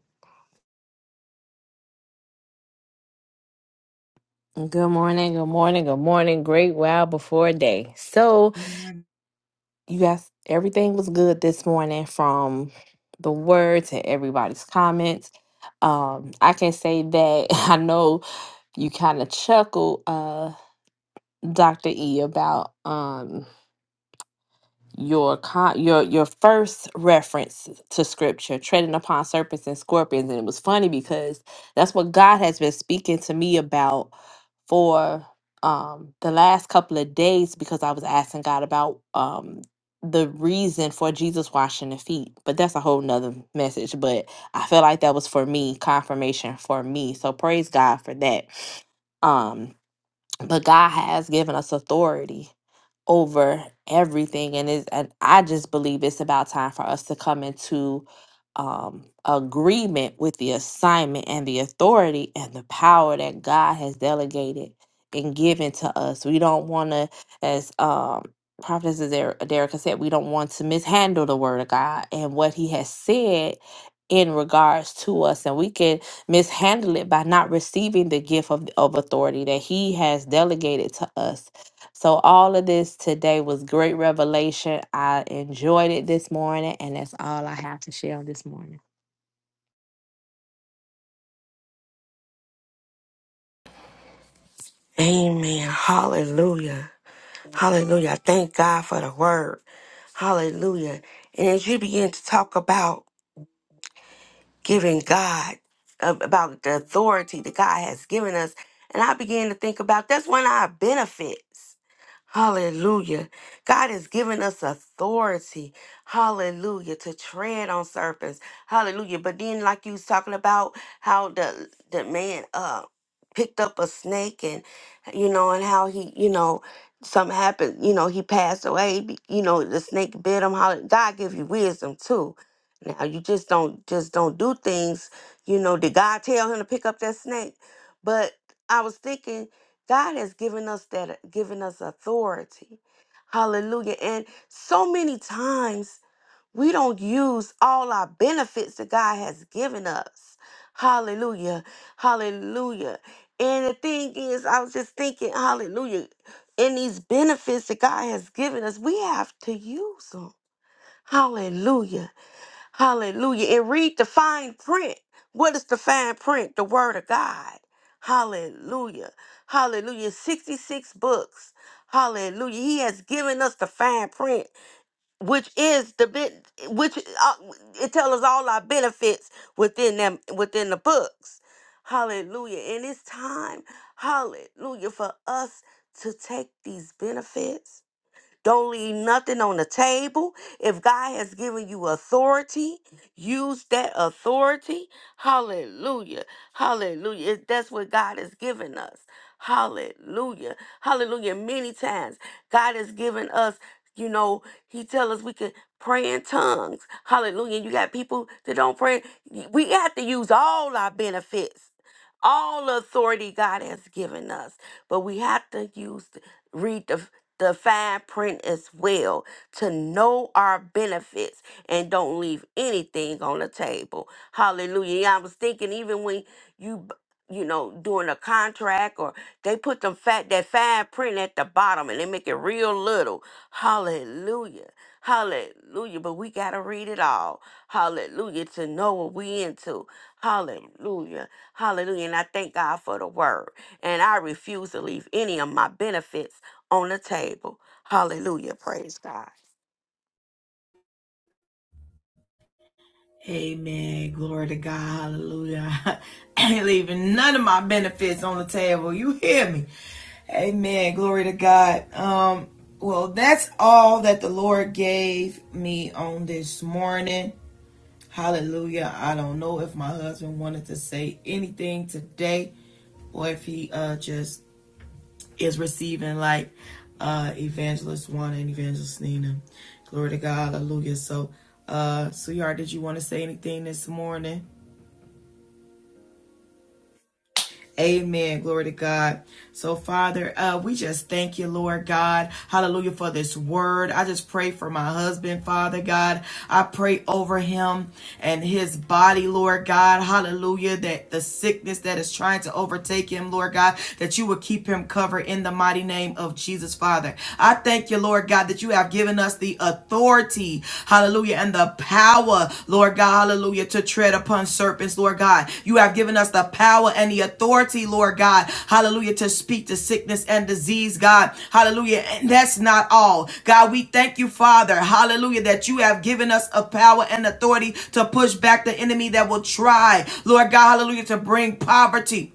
S6: Good morning, good morning, good morning. Great wow before day. So, you guys, everything was good this morning from the word to everybody's comments. Um, I can say that I know you kind of chuckle, uh, Dr. E, about um your con- your your first reference to scripture, treading upon serpents and scorpions, and it was funny because that's what God has been speaking to me about for um, the last couple of days because I was asking God about um, the reason for Jesus washing the feet. But that's a whole nother message. But I feel like that was for me, confirmation for me. So praise God for that. Um, but God has given us authority over everything and is and I just believe it's about time for us to come into um agreement with the assignment and the authority and the power that God has delegated and given to us. We don't want to as um prophetess Der- Derek said, we don't want to mishandle the word of God and what he has said in regards to us and we can mishandle it by not receiving the gift of, of authority that He has delegated to us. So, all of this today was great revelation. I enjoyed it this morning, and that's all I have to share on this morning.
S7: Amen. Hallelujah. Hallelujah. I Thank God for the word. Hallelujah. And as you begin to talk about giving God ab- about the authority that God has given us. And I began to think about that's one of our benefits. Hallelujah. God has given us authority. Hallelujah. To tread on serpents. Hallelujah. But then like you was talking about how the the man uh picked up a snake and you know and how he, you know, something happened, you know, he passed away, be- you know, the snake bit him. Hallelujah. God give you wisdom too now you just don't just don't do things, you know, did God tell him to pick up that snake? But I was thinking God has given us that given us authority. Hallelujah. And so many times we don't use all our benefits that God has given us. Hallelujah. Hallelujah. And the thing is, I was just thinking, hallelujah. In these benefits that God has given us, we have to use them. Hallelujah. Hallelujah. And read the fine print. What is the fine print? The Word of God. Hallelujah. Hallelujah. 66 books. Hallelujah. He has given us the fine print, which is the bit, which uh, it tells us all our benefits within them, within the books. Hallelujah. And it's time, hallelujah, for us to take these benefits don't leave nothing on the table. If God has given you authority, use that authority. Hallelujah. Hallelujah. It- That's what God has given us. Hallelujah. Hallelujah. Many times God has given us, you know, He tell us we can pray in tongues. Hallelujah. You got people that don't pray. We have to use all our benefits. All authority God has given us, but we have to use, read the the fine print as well to know our benefits and don't leave anything on the table. Hallelujah. Yeah, I was thinking even when you b- you know doing a contract or they put them fat that fine print at the bottom and they make it real little. Hallelujah. Hallelujah. But we gotta read it all. Hallelujah. To know what we into. Hallelujah. Hallelujah. And I thank God for the word. And I refuse to leave any of my benefits on the table. Hallelujah. Praise God.
S1: Amen. Glory to God. Hallelujah. I ain't leaving none of my benefits on the table. You hear me? Amen. Glory to God. Um, well, that's all that the Lord gave me on this morning. Hallelujah. I don't know if my husband wanted to say anything today or if he uh just is receiving like uh evangelist Juana and evangelist Nina. Glory to God, hallelujah. So uh sweetheart, did you want to say anything this morning? Amen. Glory to God. So, Father, uh, we just thank you, Lord God. Hallelujah for this word. I just pray for my husband, Father God. I pray over him and his body, Lord God. Hallelujah. That the sickness that is trying to overtake him, Lord God, that you would keep him covered in the mighty name of Jesus, Father. I thank you, Lord God, that you have given us the authority authority, hallelujah, and the power, Lord God, hallelujah, to tread upon serpents, Lord God. You have given us the power and the authority, Lord God, hallelujah, to speak to sickness and disease, God, hallelujah. And that's not all, God. We thank you, Father, hallelujah, that you have given us a power and authority to push back the enemy that will try, Lord God, hallelujah, to bring poverty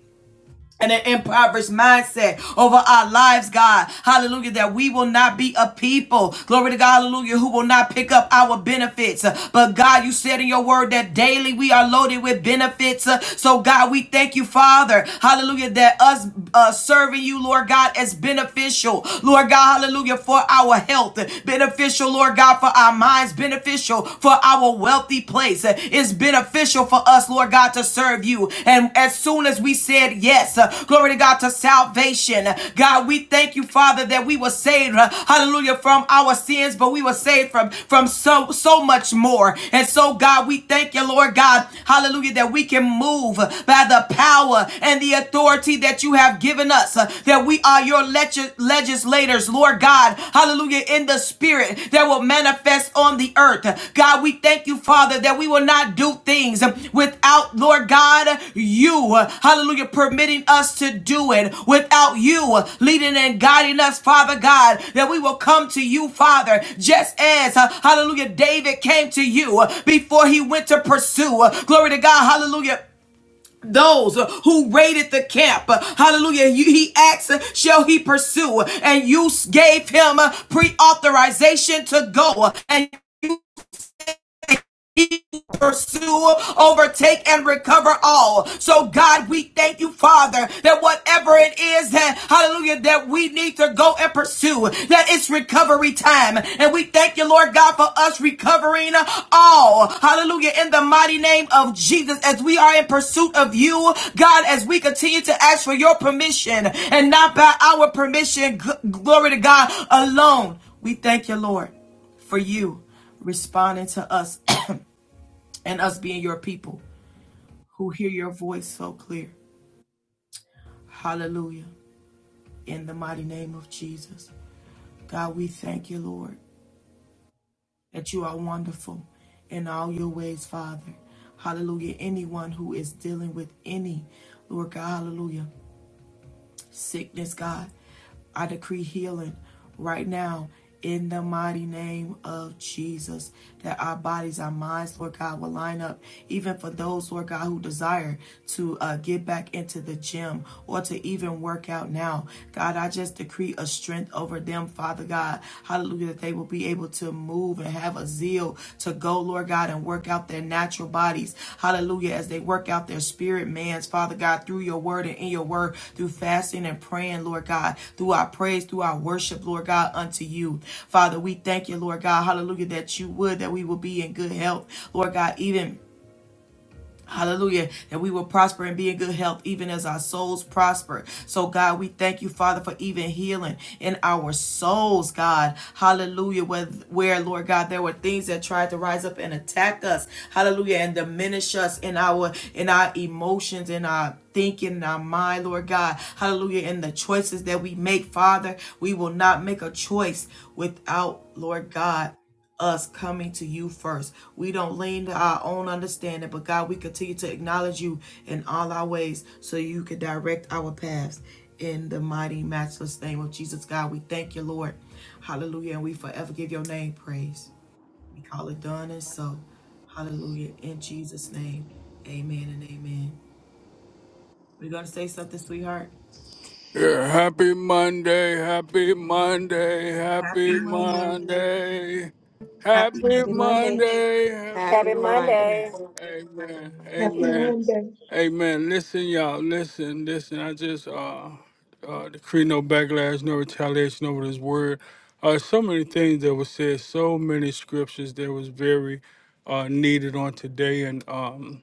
S1: and an impoverished mindset over our lives, God. Hallelujah. That we will not be a people, glory to God, hallelujah, who will not pick up our benefits. Uh, But God, you said in your word that daily we are loaded with benefits. Uh, So, God, we thank you, Father. Hallelujah. That us uh, serving you, Lord God, is beneficial. Lord God, hallelujah, for our health, beneficial, Lord God, for our minds, beneficial for our wealthy place. Uh, It's beneficial for us, Lord God, to serve you. And as soon as we said yes, uh, glory to God, to salvation, uh, God, we thank you, Father, that we were saved, uh, hallelujah, from our sins, but we were saved from, from so, so much more. And so, God, we thank you, Lord God, hallelujah, that we can move by the power and the authority that you have given us, uh, that we are your leg- legislators, Lord God, hallelujah, in the spirit that will manifest on the earth. God, we thank you, Father, that we will not do things without, Lord God, you, hallelujah, permitting us to do it, without you leading and guiding us, Father God, that we will come to you, Father, just as, uh, hallelujah, David came to you before he went to pursue. Glory to God, hallelujah those who raided the camp. Hallelujah. He asked, Shall he pursue? And you gave him pre authorization to go. And you pursue, overtake, and recover all. So, God, we thank you, Father, that whatever it is that, hallelujah, that we need to go and pursue, that it's recovery time. And we thank you, Lord God, for us recovering all. Hallelujah. In the mighty name of Jesus, as we are in pursuit of you, God, as we continue to ask for your permission and not by our permission, glory to God alone. We thank you, Lord, for you responding to us and us being your people who hear your voice so clear. Hallelujah. In the mighty name of Jesus. God, we thank you, Lord, that you are wonderful in all your ways, Father. Hallelujah. Anyone who is dealing with any, Lord God, hallelujah. sickness, God. I decree healing right now in the mighty name of Jesus. That our bodies, our minds, Lord God, will line up. Even for those, Lord God, who desire to uh, get back into the gym or to even work out now. God, I just decree a strength over them, Father God. Hallelujah. that they they will be able to move and have a zeal to go, Lord God, and work out their natural bodies. Hallelujah. As they work out their spirit man's, Father God, through your word and in your word, through fasting and praying, Lord God, through our praise, through our worship, Lord God, unto you. Father, we thank you, Lord God. Hallelujah. That you would, that we will be in good health, Lord God, even Hallelujah. That we will prosper and be in good health, even as our souls prosper. So, God, we thank you, Father, for even healing in our souls, God. Hallelujah. Where, where, Lord God, there were things that tried to rise up and attack us. Hallelujah. And diminish us in our in our emotions, in our thinking, in our mind, Lord God. Hallelujah. In the choices that we make, Father, we will not make a choice without, Lord God us coming to you first. We don't lean to our own understanding, but God, we continue to acknowledge you in all our ways so you can direct our paths. In the mighty, matchless name of Jesus, God, we thank you, Lord. Hallelujah. And we forever give your name praise. We call it done and so. Hallelujah. In Jesus' name, amen and amen. We're going to say something, sweetheart.
S8: Yeah, happy Monday, happy Monday,
S1: Happy
S8: happy
S1: Monday.
S8: Monday.
S1: Happy
S8: Happy
S1: Monday.
S8: Monday, happy
S7: Happy
S2: Happy Monday.
S7: Monday.
S8: Monday. Amen.
S5: Remember,
S9: Happy
S8: Amen.
S9: Monday.
S8: Amen. Listen, y'all, listen, listen. I just uh uh decree no backlash, no retaliation over this word. Uh so many things that were said, so many scriptures that was very uh needed on today and um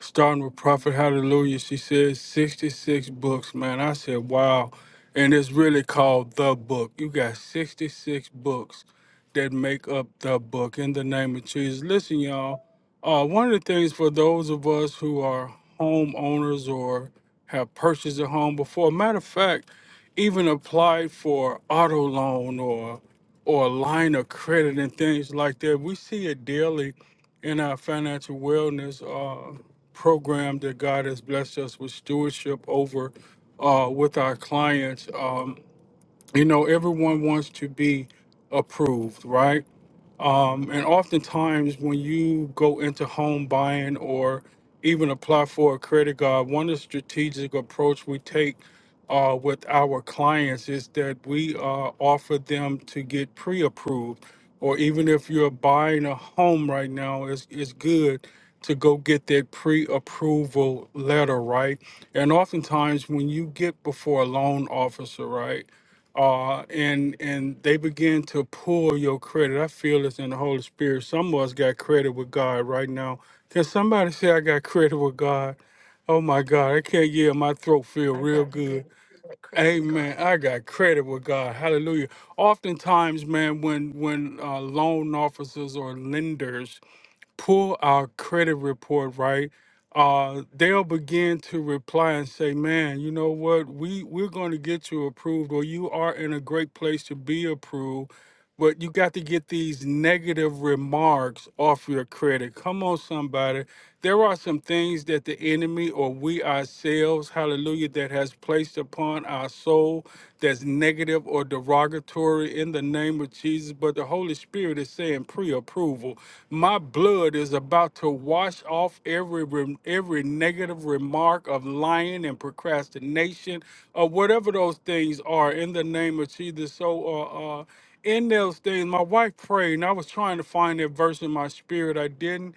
S8: starting with Prophet Hallelujah. She said 66 books, man. I said, wow. And it's really called The Book. You got 66 books that make up The Book in the name of Jesus. Listen, y'all, uh, one of the things for those of us who are homeowners or have purchased a home before, matter of fact, even applied for auto loan or or a line of credit and things like that. We see it daily in our financial wellness. Uh program that God has blessed us with stewardship over uh, with our clients. Um, you know, everyone wants to be approved, right? Um, and oftentimes, when you go into home buying or even apply for a credit card, one of the strategic approach we take uh, with our clients is that we uh, offer them to get pre-approved, or even if you're buying a home right now, it's, it's good to go get that pre-approval letter, right? And oftentimes, when you get before a loan officer, right? uh, and and they begin to pull your credit. I feel this in the Holy Spirit. Some of us got credit with God right now. Can somebody say I got credit with God? Oh my God, I can't yeah, my throat feel
S5: I
S8: real
S5: got
S8: good.
S5: credit. I got credit with God.
S8: Amen. I got credit with God. Hallelujah. Oftentimes, man, when when uh, loan officers or lenders pull our credit report right, uh, they'll begin to reply and say, "Man, you know what? We we're going to get you approved, or you are in a great place to be approved." But you got to get these negative remarks off your credit. Come on, somebody. There are some things that the enemy or we ourselves, hallelujah, that has placed upon our soul that's negative or derogatory in the name of Jesus. But the Holy Spirit is saying pre approval. My blood is about to wash off every, rem- every negative remark of lying and procrastination or whatever those things are in the name of Jesus. So, uh, uh, in those things, my wife prayed, and I was trying to find that verse in my spirit. I didn't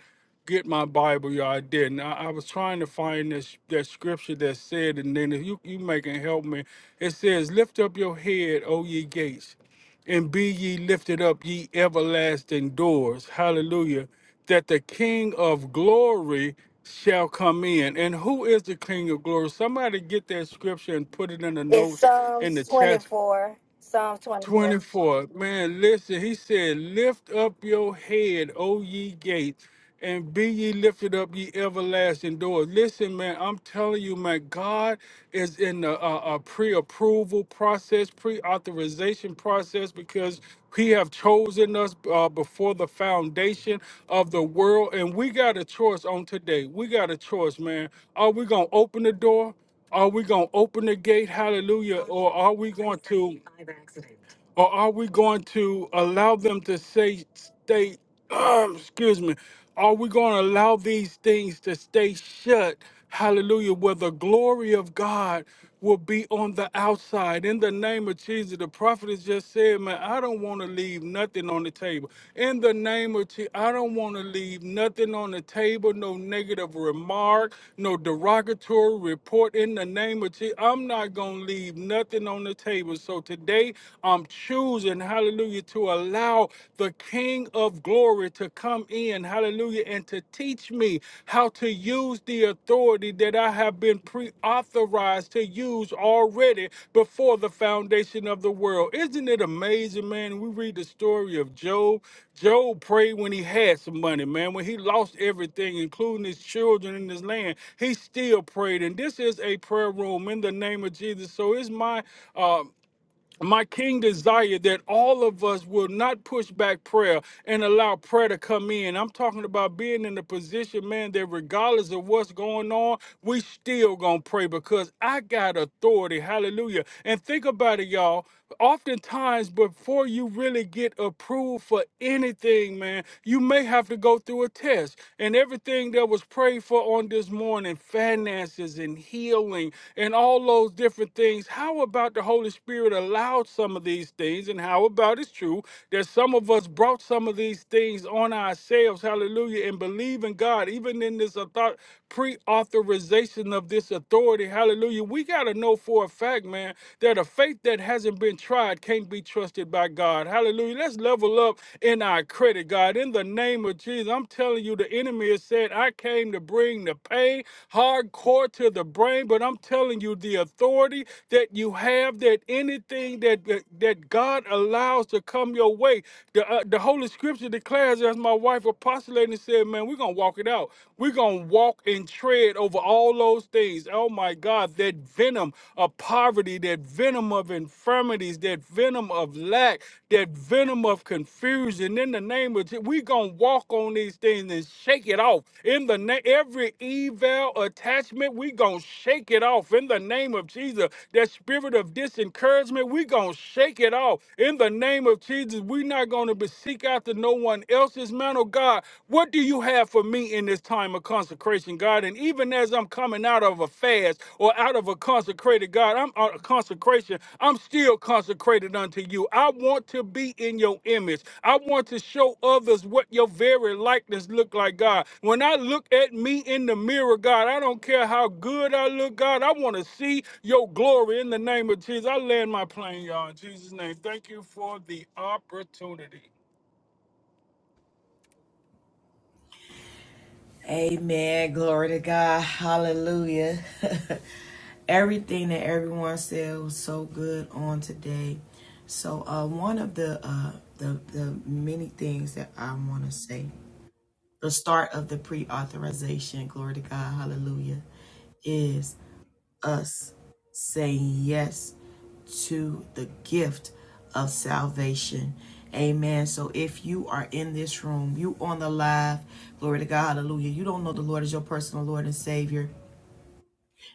S8: get my Bible, y'all. I didn't. I, I was trying to find this that scripture that said, and then if you you making help me. It says, "Lift up your head, O ye gates, and be ye lifted up, ye everlasting doors." Hallelujah. That the King of Glory shall come in. And who is the King of Glory? Somebody get that scripture and put it in the notes in the chat 24. Man, listen, he said, Lift up your head, O ye gates, and be ye lifted up, ye everlasting doors. Listen, man, I'm telling you, man, God is in a, a, a pre approval process, pre authorization process, because he have chosen us uh, before the foundation of the world. And we got a choice on today. We got a choice, man. Are we going to open the door? Are we going to open the gate, hallelujah, or are we going to? or are we going to allow them to say stay excuse me are we going to allow these things to stay shut hallelujah where the glory of god will be on the outside in the name of jesus the prophet has just said man i don't want to leave nothing on the table in the name of jesus i don't want to leave nothing on the table no negative remark no derogatory report in the name of jesus i'm not going to leave nothing on the table so today today I'm choosing, hallelujah, to allow the King of glory to come in, hallelujah, and to teach me how to use the authority that I have been pre authorized to use already before the foundation of the world. Isn't it amazing, man? We read the story of Job. Job prayed when he had some money, man. When he lost everything, including his children and his land, he still prayed. And this is a prayer room in the name of Jesus. So it's my uh, my king desired that all of us will not push back prayer and allow prayer to come in. I'm talking about being in the position, man, that regardless of what's going on, we still gonna pray because I got authority. Hallelujah. And think about it, y'all oftentimes before you really get approved for anything man you may have to go through a test and everything that was prayed for on this morning finances and healing and all those different things how about the holy spirit allowed some of these things and how about it's true that some of us brought some of these things on ourselves hallelujah and believe in god even in this author- pre-authorization of this authority hallelujah we got got to know for a fact, man, that a faith that hasn't been tried can't be trusted by God. Hallelujah. Let's level up in our credit, God. In the name of Jesus, I'm telling you, the enemy has said, I came to bring the pain hardcore to the brain, but I'm telling you, the authority that you have, that anything that that, that God allows to come your way, the, uh, the Holy Scripture declares, as my wife apostolated and said, man, we're going to walk it out. We're going to walk and tread." spread over all those things. Oh my God, that venom of poverty, that venom of infirmities, that venom of lack, that venom of confusion. In the name of Jesus, we gonna walk on these things and shake it off. In the name, every evil attachment, we gonna shake it off. In the name of Jesus, that spirit of disencouragement, we gonna shake it off. In the name of Jesus, we not gonna be seek after no one else's man. Oh God, what do what do you have for me in this time of consecration, God? And even as I'm coming out of a fast or out of a consecrated God, I'm out of consecration. I'm still consecrated unto you. I want to be in your image. I want to show others what your very likeness look like, God. When I look at me in the mirror, God, I don't care how good I look, God. I want to see your glory in the name of Jesus. I land my plane, y'all. In Jesus' name, thank you for the opportunity.
S1: Amen. Glory to God. Hallelujah. Everything that everyone said was so good on today. So uh, one of the uh, the the many things that I want to say, the start of the pre-authorization. Glory to God. Hallelujah. Is us saying yes to the gift of salvation. Amen. So if you are in this room, you on the live, glory to God, hallelujah. You don't know the Lord as your personal Lord and Savior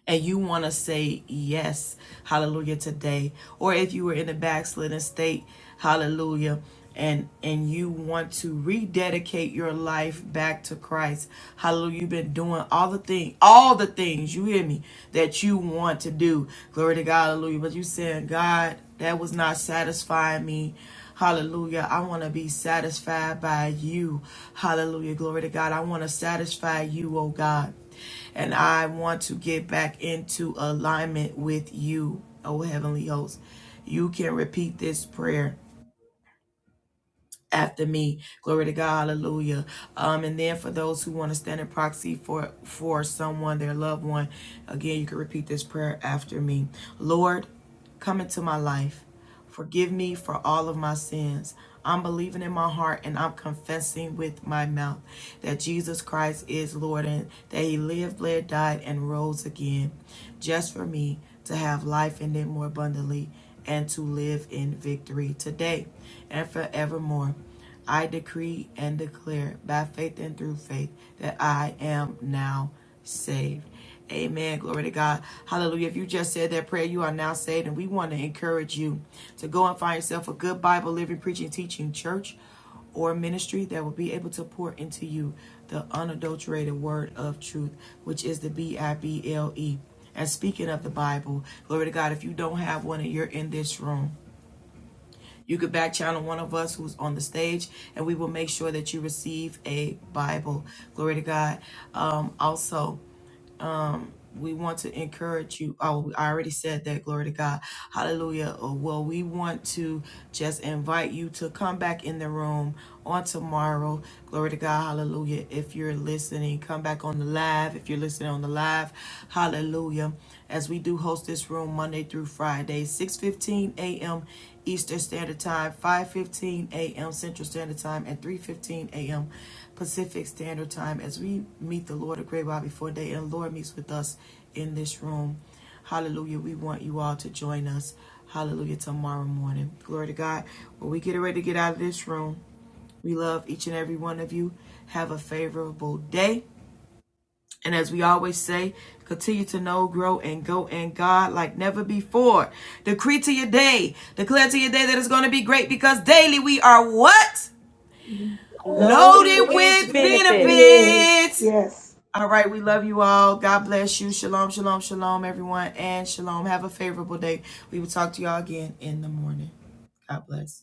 S1: and you want to say yes, hallelujah, today. Or if you were in a backslidden state, hallelujah, and and you want to rededicate your life back to Christ, hallelujah. You've been doing all the thing, all the things, you hear me, that you want to do. Glory to God, hallelujah. But you saying, God, that was not satisfying me. Hallelujah. I want to be satisfied by you. Hallelujah. Glory to God. I want to satisfy you, oh God. And I want to get back into alignment with you, oh Heavenly Host. You can repeat this prayer after me. Glory to God. Hallelujah. Um, and then for those who want to stand in proxy for for someone, their loved one, again, you can repeat this prayer after me. Lord, come into my life. Forgive me for all of my sins. I'm believing in my heart and I'm confessing with my mouth that Jesus Christ is Lord and that He lived, bled, died, and rose again just for me to have life and it more abundantly and to live in victory today and forevermore. I decree and declare by faith and through faith that I am now saved. Amen. Glory to God. Hallelujah. If you just said that prayer, you are now saved. And we want to encourage you to go and find yourself a good Bible, living, preaching, teaching church or ministry that will be able to pour into you the unadulterated word of truth, which is the B I B L E. And speaking of the Bible, glory to God, if you don't have one and you're in this room, you could back channel one of us who's on the stage and we will make sure that you receive a Bible. Glory to God. Um, also, we want to encourage you. Oh, I already said that. Glory to God. Hallelujah. Oh, Well, we want to just invite you to come back in the room on tomorrow. Glory to God. Hallelujah. If you're listening, come back on the live. If you're listening on the live, hallelujah as we do host this room Monday through Friday, 6:15 a.m. Eastern Standard Time, 5:15 a.m. Central Standard Time, and 3:15 a.m. Pacific Standard Time as we meet the Lord of Great While Before Day and the Lord meets with us in this room. Hallelujah. We want you all to join us. Hallelujah. Tomorrow morning. Glory to God. When we get ready to get out of this room, we love each and every one of you. Have a favorable day. And as we always say, continue to know, grow, and go in God like never before. Decree to your day, declare to your day that it's going to be great because daily we are what?
S9: Mm-hmm. Oh, it
S7: Loaded
S1: Loaded
S9: went,
S7: with
S1: with
S9: went
S7: benefits.
S1: benefits.
S9: Yes.
S1: All right, we love you all. God bless you. Shalom, shalom, shalom, everyone, and shalom. Have a favorable day. We will talk to y'all again in the morning. God bless.